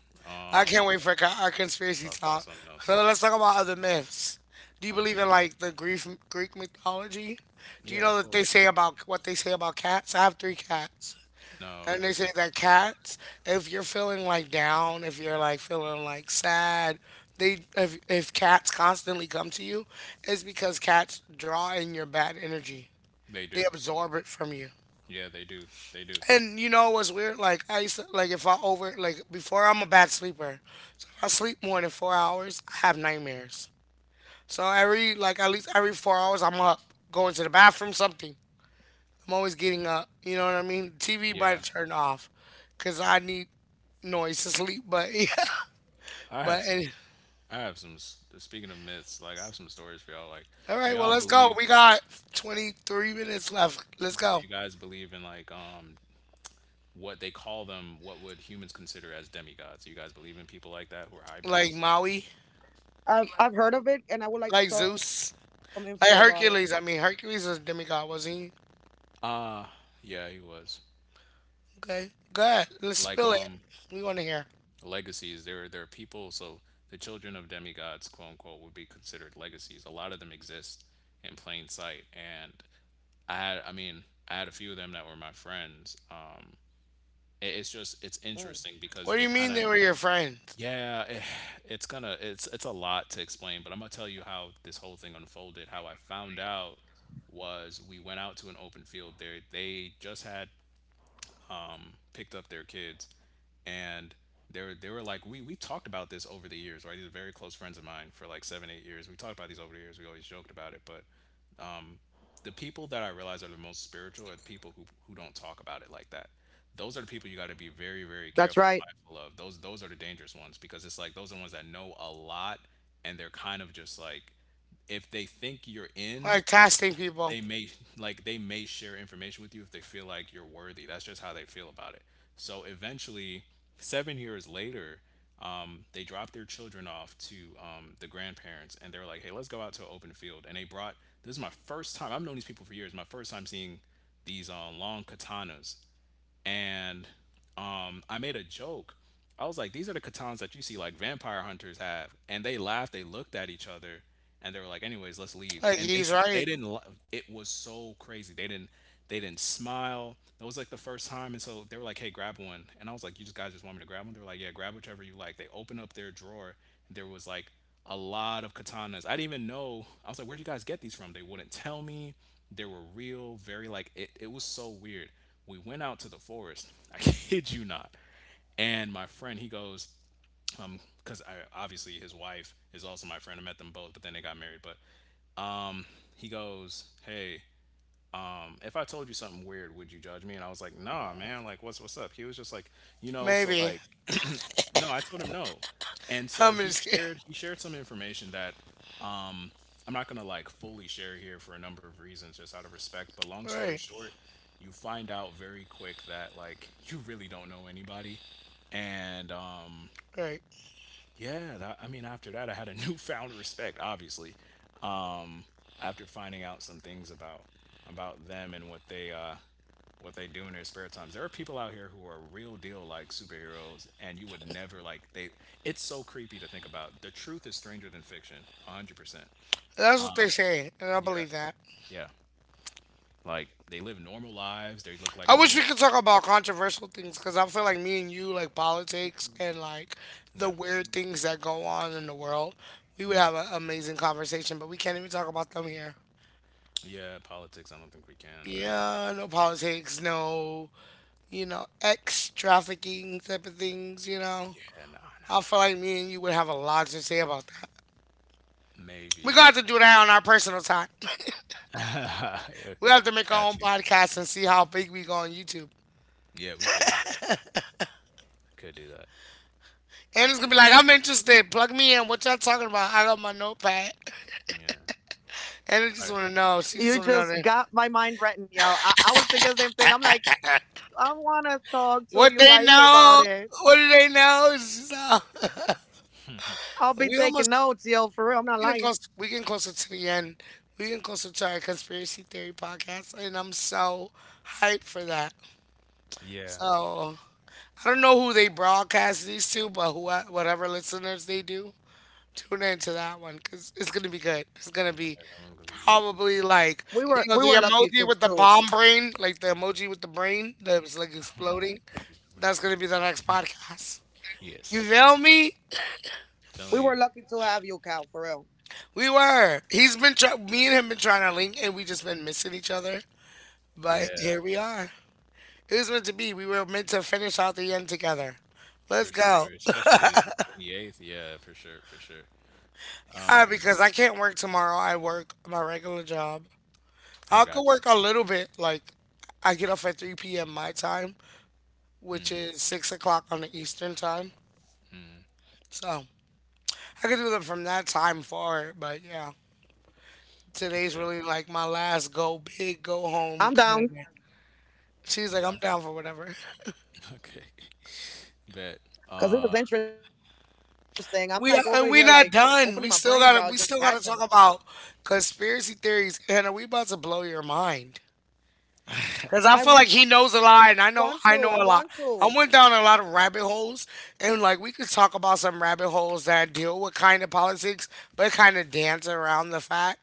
I can't Um. wait for our Let's conspiracy talk about talk. something So else. let's talk about other myths. Do you Other believe than in that, like the Greek mythology? Do you yeah, know of that they course. say about what they say about cats? I have three cats, No, what and do they they say say that about pets? cats, if you're feeling like down, if you're like feeling like sad, they if cats constantly come to you, it's because cats draw in your bad energy. They They do. absorb it from you. Yeah, they do. They do. And you know what's weird? Like I used to like if I over like before I'm a bad sleeper. So if I sleep more than 4 hours, I have nightmares. So every like at least every 4 hours I'm up, going to the bathroom, something. I'm always getting up. You know what I mean? TV might Yeah. turn off, cause I need noise to sleep. But yeah. I But have some any I have some speaking of myths, like I have some stories for y'all. Like, All do right, well y'all let's go. believe We got 23 minutes left. Let's do go. you guys believe in like what they call them, what would humans consider as demigods? Do you guys believe in people like that who are Like hybrids? Maui, like Zeus, like Hercules. I mean Hercules is a demigod, was not he? Yeah, he was. Okay, good. Let's Like spill it. We want to hear. legacies— there are people, so the children of demigods, quote unquote, would be considered legacies. A lot of them exist in plain sight. And I mean, I had a few of them that were my friends. It- it's just it's interesting because What do they you kind mean they of— were your friends? yeah, it, it's gonna— it's a lot to explain, but I'm gonna tell you how this whole thing unfolded, how I found out. Was we went out to an open field. There they just had picked up their kids, and they were— they were like— we talked about this over the years, right? These are very close friends of mine for like 7, 8 years We talked about these over the years. We always joked about it. But the people that I realize are the most spiritual are the people who don't talk about it like that. Those are the people you got to be very, very careful and mindful of. Those— those are the dangerous ones, because it's like those are the ones that know a lot, and they're kind of just like, if they think you're in, Like testing people. they may— like they may share information with you if they feel like you're worthy. That's just how they feel about it. So eventually, 7 years later, they dropped their children off to the grandparents, and they're like, "Hey, let's go out to an open field." And they brought— this is my first time. I've known these people for years. My first time seeing these long katanas. And I made a joke. I was like, "These are the katans that you see like vampire hunters have," and they laughed. They looked at each other, and they were like, "Anyways, let's leave." Like And they he's right. they didn't— it was so crazy. They didn't— they didn't smile. That was like the first time. And so they were like, "Hey, grab one," and I was like, "You just— guys just want me to grab one?" They were like, "Yeah, grab whichever you like." They opened up their drawer, and there was like a lot of katanas. I didn't even know. I was like, where'd you guys get these from? They wouldn't tell me. They were real, very like— it was so weird. We went out to the forest. I kid you not. And my friend, he goes, because I— obviously his wife is also my friend. I met them both, but then they got married. But he goes, "Hey, if I told you something weird, would you judge me?" And I was like, "Nah, man, like what's— what's up?" He was just like, "You know, so Maybe. like—" no, I told him no. And so I'm he just kidding. shared— he shared some information that um I'm not gonna like fully share here for a number of reasons, just out of respect. But long story Right, short, you find out very quick that like you really don't know anybody. And right. yeah. That— I mean, after that I had a newfound respect, obviously, um after finding out some things about— about them and what they do in their spare times. There are people out here who are real deal like superheroes, and you would never— like they— it's so creepy to think about. The truth is stranger than fiction. 100%. That's what they say, and I Yeah. believe that. Yeah. Like they live normal lives, they look like I wish normal— we could talk about controversial things because I feel like me and you like politics and like the yeah. weird things that go on in the world. We would have an amazing conversation, but we can't even talk about them here. Yeah, politics, I don't think we can, right? Yeah, no politics, no, you know, ex trafficking type of things, you know. Yeah, no, no, I no. feel like me and you would have a lot to say about that. We're Maybe. gonna have to do that on our personal time. I We have to make our got own you. podcast and see how big we go on YouTube. Yeah, we could do that. Could do that. And it's gonna be like, I'm interested. Plug me in. What y'all talking about? I got my notepad. Yeah. And I All just right. wanna know. She just wanna know that. What they know? What do they know? It's just, we almost we getting close. We getting closer to the end. We getting closer to our conspiracy theory podcast, and I'm so hyped for that. Yeah. So I don't know who they broadcast these to, but whatever listeners they do, tune into that one because it's gonna be good. It's gonna Yeah, be that one's gonna be— probably like you know the emoji with the bomb brain, like the emoji with the brain that's like exploding. what do you bring? That's gonna be the next podcast. You Yes. feel me? Telling you. We were. Me and him been trying to link, and we just been missing each other. But Yeah, here we are. It was meant to be. We were meant to finish out the end together. Let's for go. sure. Especially the 28th. Yeah, for sure, for sure. Um, Because I can't work tomorrow. I work my regular job. I I could got work you. a little bit. Like, I get off at 3 p.m. my time, which is 6 o'clock on the Eastern time. So, I could do them from that time forward. But yeah, today's Okay. really like my last go big, go home kind of day. She's You like, I'm down? down for whatever. Okay. Bet. Uh, We are, and we not done. We still gotta talk about conspiracy theories. Hannah, we about to blow your mind. Cause I feel like he knows a lot, and I know a lot. I went down a lot of rabbit holes, and like we could talk about some rabbit holes that deal with kind of politics, but kind of dance around the fact.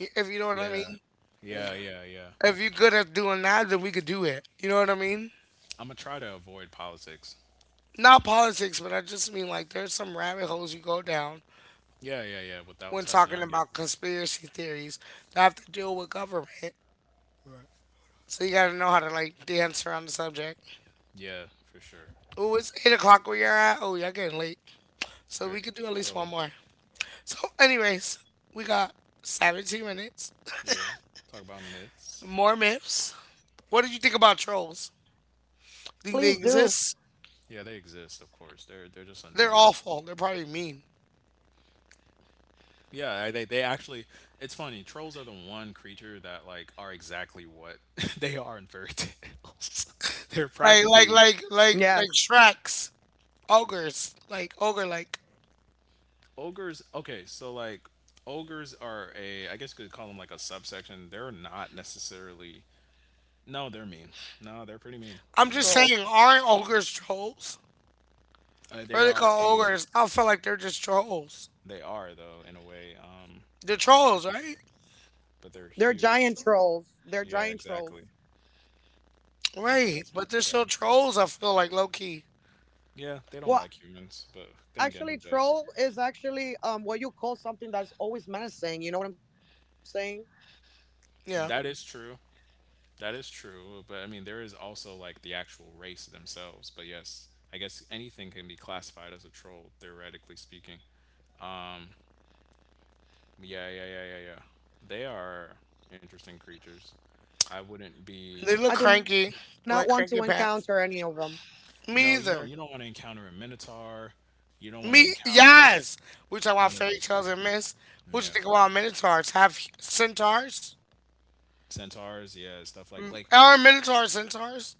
If you know what I yeah. mean. Yeah, yeah, yeah. If you're good at doing that, then we could do it. You know what I mean? I'm gonna try to avoid politics. Not politics, but I just mean like there's some rabbit holes you go down Yeah, yeah, yeah, without when touching. talking I get about you. conspiracy theories that have to deal with government. So you gotta know how to like dance around the subject. Yeah, for sure. Oh, it's 8 o'clock where you're at. Oh, y'all getting late. So All right. we could do at least So— one more. So, anyways, we got 17 minutes. yeah. Talk about myths. More myths. What did you think about trolls? Think they Oh, they're— exist? yeah, they exist, of course. They're— they're just They're annoying. awful. They're probably mean. Yeah, I— they actually— it's funny. Trolls are the one creature that like are exactly what they are in fairy tales. They're Like, like, practically like, like, like Shreks. Ogres. Like, ogre like. ogres. Okay, so like ogres are a— I guess you could call them like a subsection. They're not necessarily— no, they're mean. No, they're pretty mean. I'm just No, saying, aren't ogres trolls? They What are they are called a— ogres? I feel like they're just trolls. they are though in a way. They're You are, trolls, right? but they're huge. Yeah, exactly. That's the Right. best way to But they're describe still 'em. trolls, I feel like, low key. Yeah, they don't like humans, but then again, who does? Yeah. That is true. That is true. But I mean, there is also like the actual race themselves. But yes, I guess anything can be classified as a troll, theoretically speaking. Um, yeah, yeah, yeah, yeah, yeah. They are interesting creatures. I wouldn't be. They look cranky. Like cranky pants. Me No, you either. don't. You don't want to encounter a minotaur. You don't want to Me, encounter like yes. We talk about none of fairy those tales and creatures. myths. What you Yeah, think about minotaurs? Have centaurs? centaurs. Yeah, stuff like— Mm, like are minotaurs centaurs?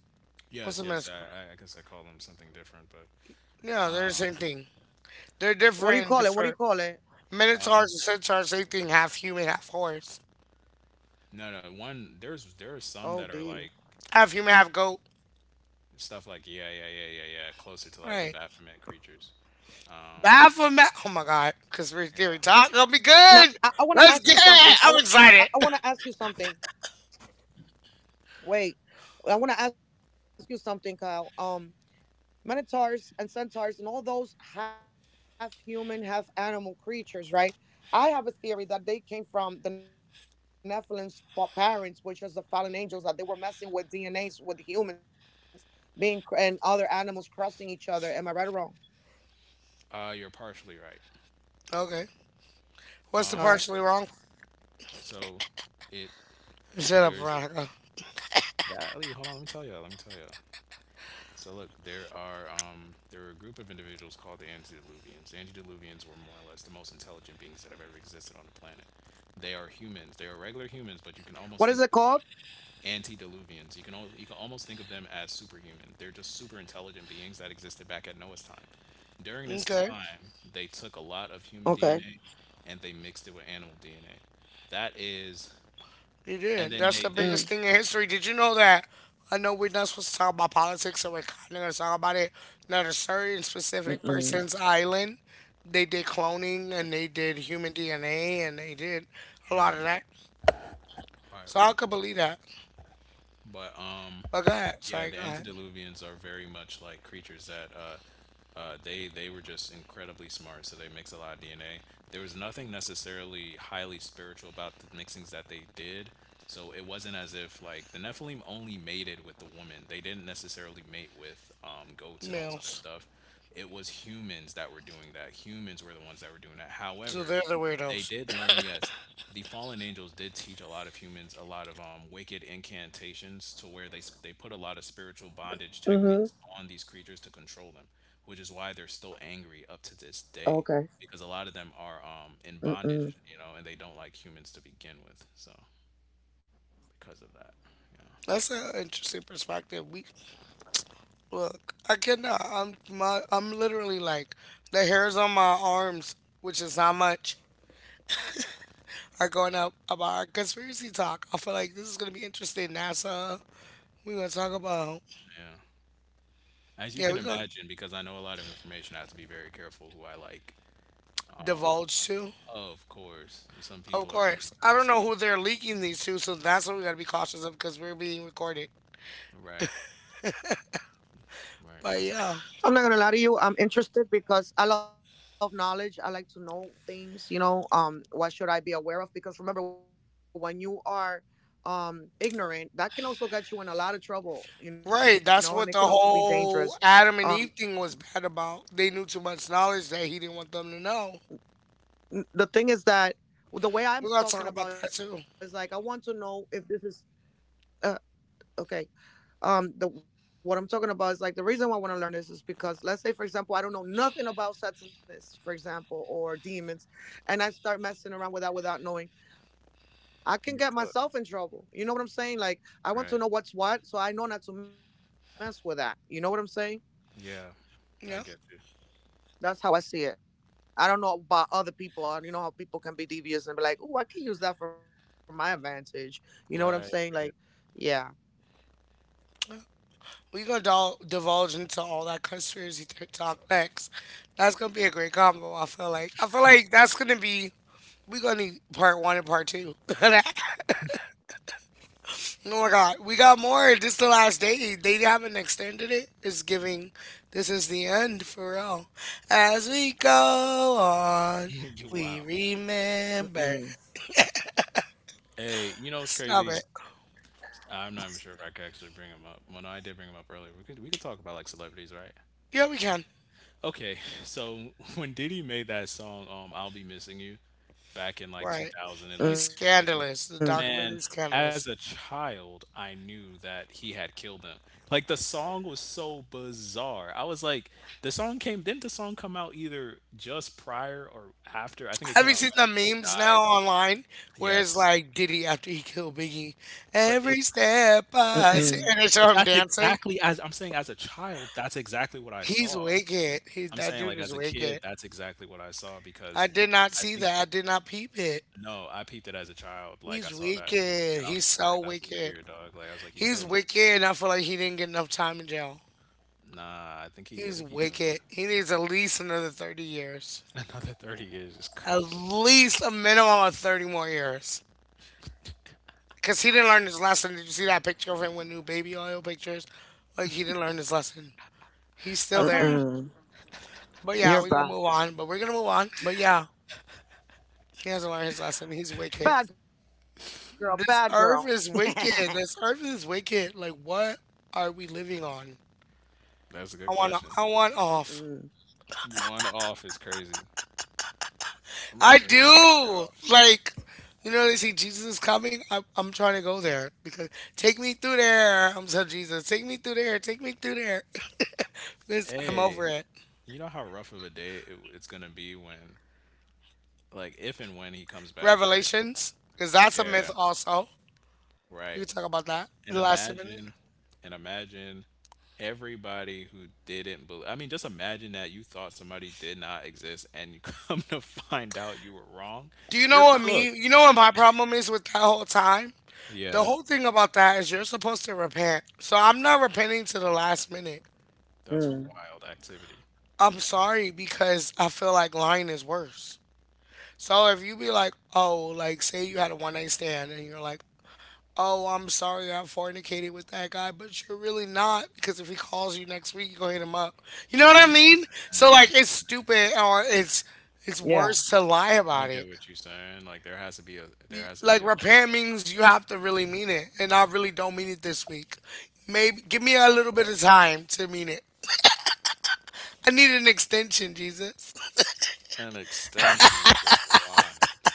What's yes, a yes. minotaur? I, I guess I call them something different, but Yeah, they're the same um, thing. They're different. Different. Minotaurs um, and centaurs, same thing. Half human, half horse. no, no. One— there are some that are like Half human, half goat. stuff like— yeah, yeah, yeah, yeah, yeah, closer to like Right. Baphomet creatures. Um, Baphomet. Oh my God. Conspiracy theory Yeah. talk. Going will be good. Let's get it. I'm excited. You're partially right. Okay. What's the partially wrong part? So it— Shut up, there's a— Veronica. golly, hold on, let me tell you, let me tell you. So look, there are there were a group of individuals called the antediluvians. Antediluvians were more or less the most intelligent beings that have ever existed on the planet. They are humans. They are regular humans, but you can almost think of antediluvians— you can you can almost think of them as superhuman. They're just super intelligent beings that existed back at Noah's time. During this Okay. time, they took a lot of human DNA and they mixed it with animal DNA. That is— He and then did. That's they the they biggest thing in history. Did you know that? I know we're not supposed to talk about politics, so we're kind of going to talk about it. Not a certain specific person's island. They did cloning and they did human DNA and they did a lot of right, that. right, So I right. could believe that. But But go ahead. yeah, Sorry, the go ahead. antediluvians are very much like creatures that they were just incredibly smart. So they mix a lot of DNA. There was nothing necessarily highly spiritual about the mixings that they did. So it wasn't as if like the Nephilim only mated with the woman. They didn't necessarily mate with goats and all this other Males. stuff. It was humans that were doing that. Humans were the ones that were doing that. So However, they're the they weirdos. did learn, yes. The fallen angels did teach a lot of humans a lot of wicked incantations to where they they put a lot of spiritual bondage techniques on these creatures to control them, which is why they're still angry up to this day, because a lot of them are in bondage, you know, and they don't like humans to begin with. So because of that, yeah, That's an interesting perspective. We look. I cannot. I'm my. I'm literally like the hairs on my arms, which is not much. Are going up about our conspiracy talk. I feel like this is going to be interesting. NASA, we're going to talk about, yeah. As you can yeah, we're going to imagine, because I know a lot of information, I have to be very careful who I like. divulge too. Of course, and some Of people are only course. I trying to don't know see. who they're leaking these to, so that's what we got to be cautious of because we're being recorded. Right, right, But right. yeah, right. Mm-hmm. That's what the whole Adam and Eve thing was bad about. They knew too much knowledge that he didn't want them to know. We're going to talk about that too. You're cooked. Right. Yeah. I Yeah, get you. Right, right. we're gonna divulge into all that conspiracy talk next. That's gonna be a great combo. I feel like that's gonna be we gonna need part one and part two. Oh my god, we got more. This is the last day. They haven't extended it. It's giving. This is the end for real. As we go on, You— wow. we remember. Hey, you know what's Stop crazy? it. Is— I'm not even sure if I could actually bring him up. Well, no, I did bring him up earlier. We could talk about like celebrities, right? Yeah, we can. Okay, so when Diddy made that song, "I'll Be Missing You," back in like Right. 2000 and like He's two. scandalous. The document Man, is as scandalous. a child, I knew that he had killed them. Like the song was so bizarre. I was like, the song came, didn't the song come out either just prior or after? I think it Have came you out seen right the after they memes now died. online where it's Yes. like Diddy after he killed Biggie? But it Every step I see, and they but show him that's dancing. exactly as I'm saying. As a child, that's exactly what I He's saw. wicked. I'm That saying dude like as is a kid, wicked. that's exactly what I saw. I Because did not I see think that. I did not peep it. No, I peeped it as a child. Like I He's saw that wicked. and I was He's just like, so that's weird, wicked. dog. Like I was like, he killed He's him. wicked, and I feel like he didn't get enough time in jail. Nah, I think he, I He's think he doing wicked. He needs at least another 30 years. Another 30 years is At crazy. least a minimum of 30 more years. Because he didn't learn his lesson. Did you see that picture of him with new baby oil pictures? Like, he didn't learn his lesson. He's I still kind there. of. But yeah, we're going to move on. But we're going to move on. But yeah, he hasn't learned his lesson. He's wicked. This earth is wicked. This earth is wicked. Like, what are we living on? That's a good question. I want off. One off is crazy. I'm not I sure if you really get do. off. Like, you know, they see Jesus is coming. I'm trying to go there because take me through there. I'm so Jesus. Take me through there. This, I'm Hey, over it. you know how rough of a day it's going to be when, like, if and when he comes back, right? Revelations, because that's a Yeah, myth also. right. We can talk about that. And In the last ten imagine, minutes. and imagine everybody who didn't believe. I mean, just imagine that you thought somebody did not exist and you come to find out you were wrong. Do you You're know what me? cooked. You know what my problem is with that whole time? Yeah, The whole thing about that is you're supposed to repent. So I'm not repenting to the last minute. that's wild activity. I'm sorry because I feel like lying is worse. So if you be like, oh, like say you had a one night stand and you're like, oh, I'm sorry I fornicated with that guy, but you're really not because if he calls you next week, you go hit him up. You know what I mean? So like it's stupid or it's worse to lie I about get it. what you're saying, like, there has to be a there has to be Like a repent level means you have to really mean it, and I really don't mean it this week. Maybe give me a little bit of time to mean it. I need an extension, Jesus. of an extension is wild.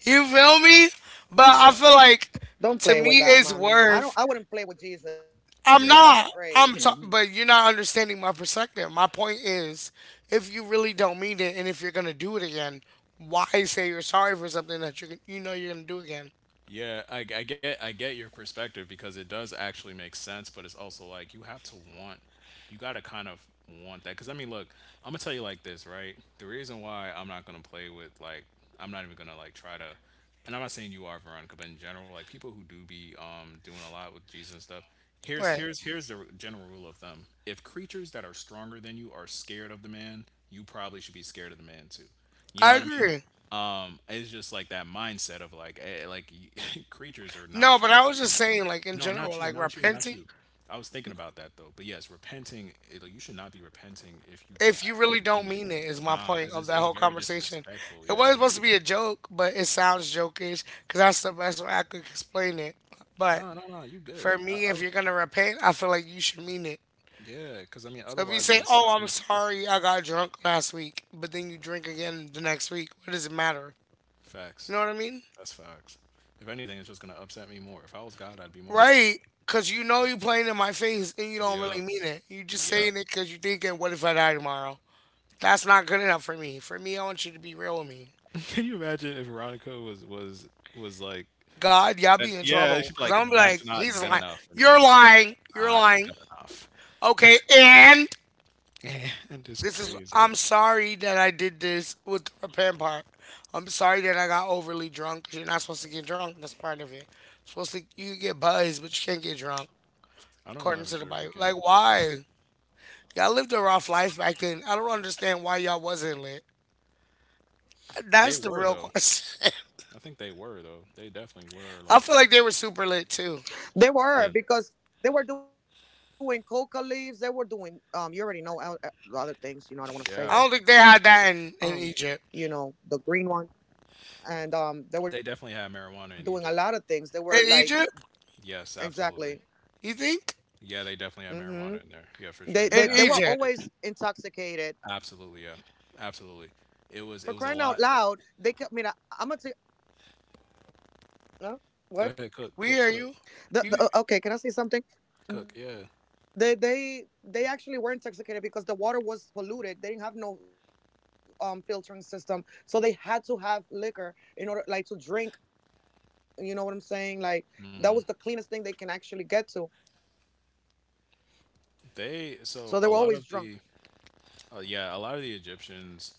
You feel me? But Yeah. I feel like to me it's worth. I'm Yeah, not. I'm t- but you're not understanding my perspective. My point is if you really don't mean it and if you're going to do it again, why say you're sorry for something that you know you're going to do again? I get your perspective because it does actually make sense, but it's also like you have to want. You got to kind of want that, cuz I mean, look, I'm going to tell you like this, right? The reason why I'm not going to play with like, I'm not even going to like try to, and I'm not saying you are, Veronica, but in general, like people who do be doing a lot with Jesus and stuff, here's Right. here's here's the general rule of thumb. If creatures that are stronger than you are scared of the man, you probably should be scared of the man too. You know I what I mean? agree. It's just like that mindset of like, like, creatures are not No, but trying to I see was him. just saying like in No, not general you, like not you, not repenting you. I was thinking about that though. But yes, repenting, like, you should not be repenting if you don't if you really actually mean don't it. mean it, is my Nah, point because of it's, that it's whole very conversation. disrespectful. It Yeah, it's wasn't very. supposed to be a joke, but it sounds jokish because that's the best way I could explain it. No, But no, no, you good. for me, if you're gonna repent, I feel like you should mean it. Because I mean, So if you otherwise it's say, a "Oh, slap in I'm the face. sorry, I got drunk last week," but then you drink again the next week, what does it matter? You Facts. know what I mean? That's facts. If anything, it's just gonna upset me more. If I was God, I'd be more upset. Right? Because you Yeah. know you're playing in my face and you don't Yeah. really mean it. You just Yeah. saying it because you're thinking, "What if I die tomorrow?" That's not good enough for me. For me, I want you to be real with me. Can you imagine if Veronica was like, God, y'all and be in yeah, she'd trouble. be like, Because I'm "That's like, not he's good lying. enough for me. You're That's just lying. You're not lying. good enough." Okay, and And it's this is, crazy. I'm sorry that I did this with the repent part. I'm sorry that I got overly drunk 'cause you're not supposed to get drunk. That's part of it. Supposed to, you can get buzzed, but you can't get drunk, I don't, I'm not according even to the sure if you Bible. can. Like, Yeah, why? Y'all lived a rough life back then. I don't understand why y'all wasn't lit. they That's the were real though. question. I think they were though. They definitely were. I Like, feel like they were super lit too. yeah, I yeah, don't think they had that in Egypt. they definitely had marijuana in Egypt. In Egypt? Yes, absolutely. You think? Yeah, they definitely had marijuana in there. Yeah, for sure. They In absolutely Egypt, did. Absolutely, yeah, absolutely. It was a lot. Go ahead, cook, we cook, hear cook, you. You cook. Yeah, they, so a lot of the, yeah, a lot of the Egyptians,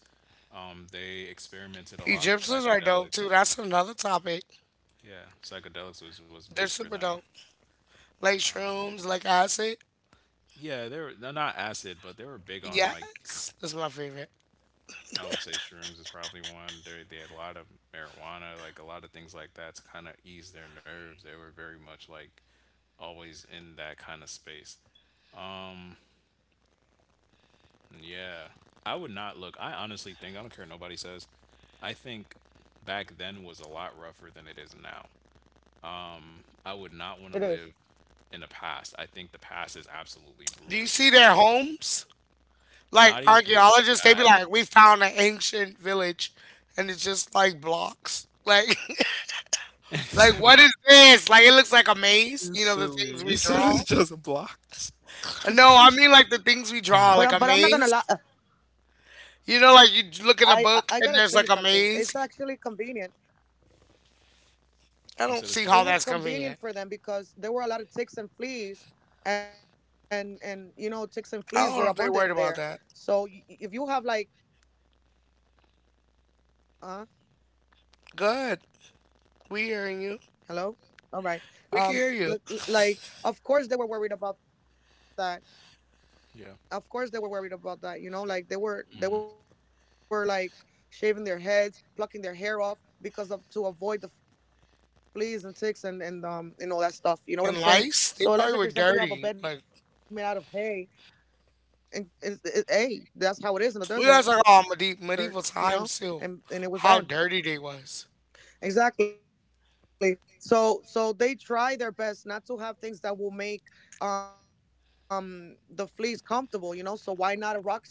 They experimented a lot with Egyptians are dope psychedelics. too. That's another topic. Yeah, psychedelics was big They're for super them. dope. Like shrooms, like acid. Yeah, they were, they not acid, but they were big on like, Yes, that's my favorite. I would say shrooms is probably one. They had a lot of marijuana, like a lot of things like that to kind of ease their nerves. They were very much like always in that kind of space. Um, yeah, I would not look. I honestly think I don't care what nobody says. I think back then was a lot rougher than it is now. I would not want to live in the past. I think the past is absolutely Do brutal. you see Like, their homes? not Like even just archaeologists, they be that. like, we found an ancient village, and it's just like blocks. Like, You like said it's what is this? Like it looks like a you maze. You know the silly. things You we said it's draw. just blocks. No, I She's— mean like the things we Ah, draw, like a maze. You know, like you look in a book and there's like a maze. I you don't said it's see how convenient. that's convenient. I don't know if they're worried about that. Good. We hearing you. We can hear you. Yeah. And lice, they probably were dirty. Like we guys are all medieval times too. How dirty they was.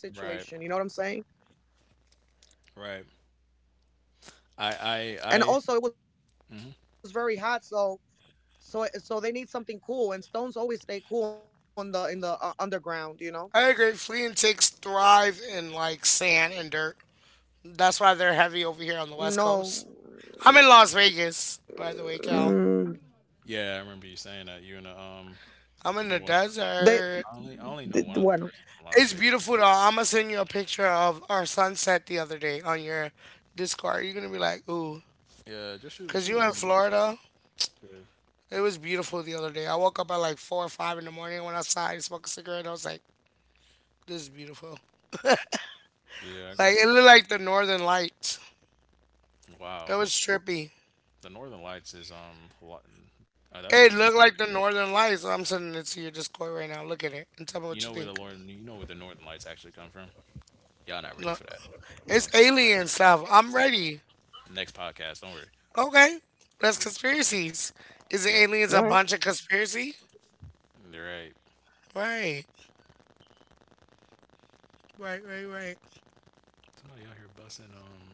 Right. Right. I. I. I. mhm. I agree. Flea insects thrive in like sand and dirt. That's why they're heavy over here on the west coast. I'm in Las Vegas, by the way, Cal. Yeah, I remember you saying that. You and the I'm You in know the what's desert. I only know one other person from Las It's Vegas. beautiful though. I'ma send you a picture of our sunset the other day on your Discord. You're gonna be like, ooh, Yeah. Just shoot. cause Shoot you in me. Florida, Good. it was beautiful the other day. I woke up at like 4 or 5 in the morning. Went outside, smoked a cigarette. I was like, "This is beautiful." Yeah. I gotta Like see. it looked like the Northern Lights. Wow. It was trippy. The Northern Lights is that's a It looked like the different conversation. Northern Lights. I'm sending it to your Discord right now. Look at it and tell me You what know you where the think. Northern Lights actually come from? Y'all not ready for No, that. We're gonna it's talk about that alien next stuff. podcast. I'm ready. Next podcast, don't worry. Okay, We'll that's touch on it. conspiracies. Is the Yep. aliens a bunch of conspiracy? Yep. You're right. Right, right, right, right. Somebody out here bussing,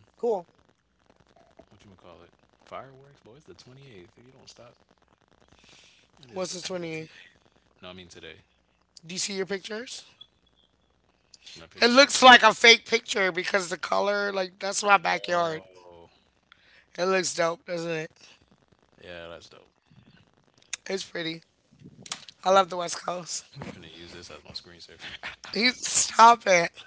what you gonna call it? Fireworks? Boy, it's the 28th. If you don't stop, it is the What's the twenty 20? eighth. No, I mean today. Do you see your pictures? My It pictures. looks like a fake picture because the color, like, that's my backyard. Whoa. It looks dope, doesn't it? Yeah, that's dope. It's pretty. I love the West Coast. I'm gonna use this as my screensaver. He stop it.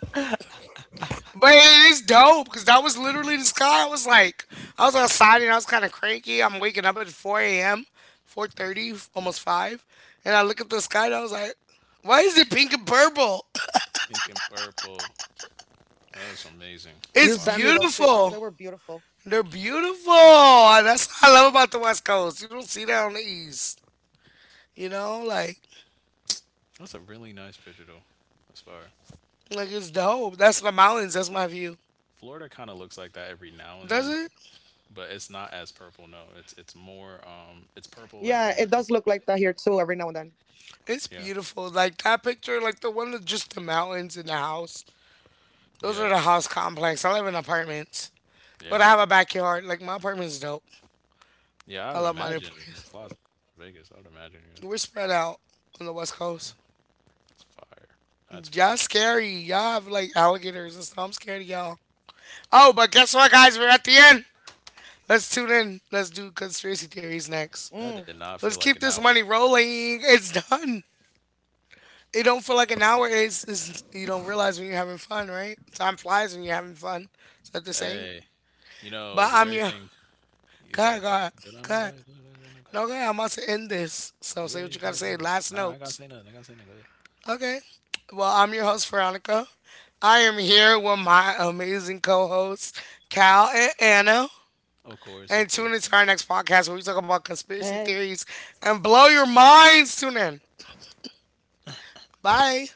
But it is dope because that was literally the sky. I was like, I was outside and I was kind of cranky. I'm waking up at 4 a.m., 4:30, almost 5. And I look at the sky and I was like, why is it pink and purple? Pink and purple. That's amazing. It's Wow. beautiful. They're beautiful. That's what I love about the West Coast. You don't see that on the East. You know, like That's a really nice picture though. That's fire. Like it's dope. That's the mountains. That's my view. Florida kind of looks like that every now and then, Does it? but it's not as purple. No, it's more it's purple and orange. It's Yeah, beautiful. Like that picture, like the one of just the mountains and the house. Those yeah, are the house complex. I live in apartments, yeah, but I have a backyard. Like my apartment's dope. yeah. I would I love my new imagine, it's place. Las Vegas. I would imagine. Yeah, We're spread out on the west coast. it's fire. That's fire. Y'all scary. Y'all have like alligators and stuff. I'm scared of y'all. Oh, but guess what, guys? We're at the end. Let's tune in. Let's do conspiracy theories next. That did not feel Let's like an keep this hour. money rolling. It's done. It don't feel like an hour is you don't realize when you're having fun, right? Time flies when you're having fun. Is that the saying? Hey, you know the But great I'm your thing. You sorry, go God, ahead. God, Go— No, no, go God. ahead, go ahead, go ahead, go ahead. No, God, I'm about to end this. So Yeah, yeah, say go what you ahead, gotta end it. say. No, Last I gotta say notes. nothing. I gotta say nothing. Go ahead. Okay. Well, I'm your host Veronica. I am here with my amazing co-hosts Cal and Anna. Of course, of And course. tune into our next podcast where we talk about conspiracy theories and blow your minds. Tune in. Bye.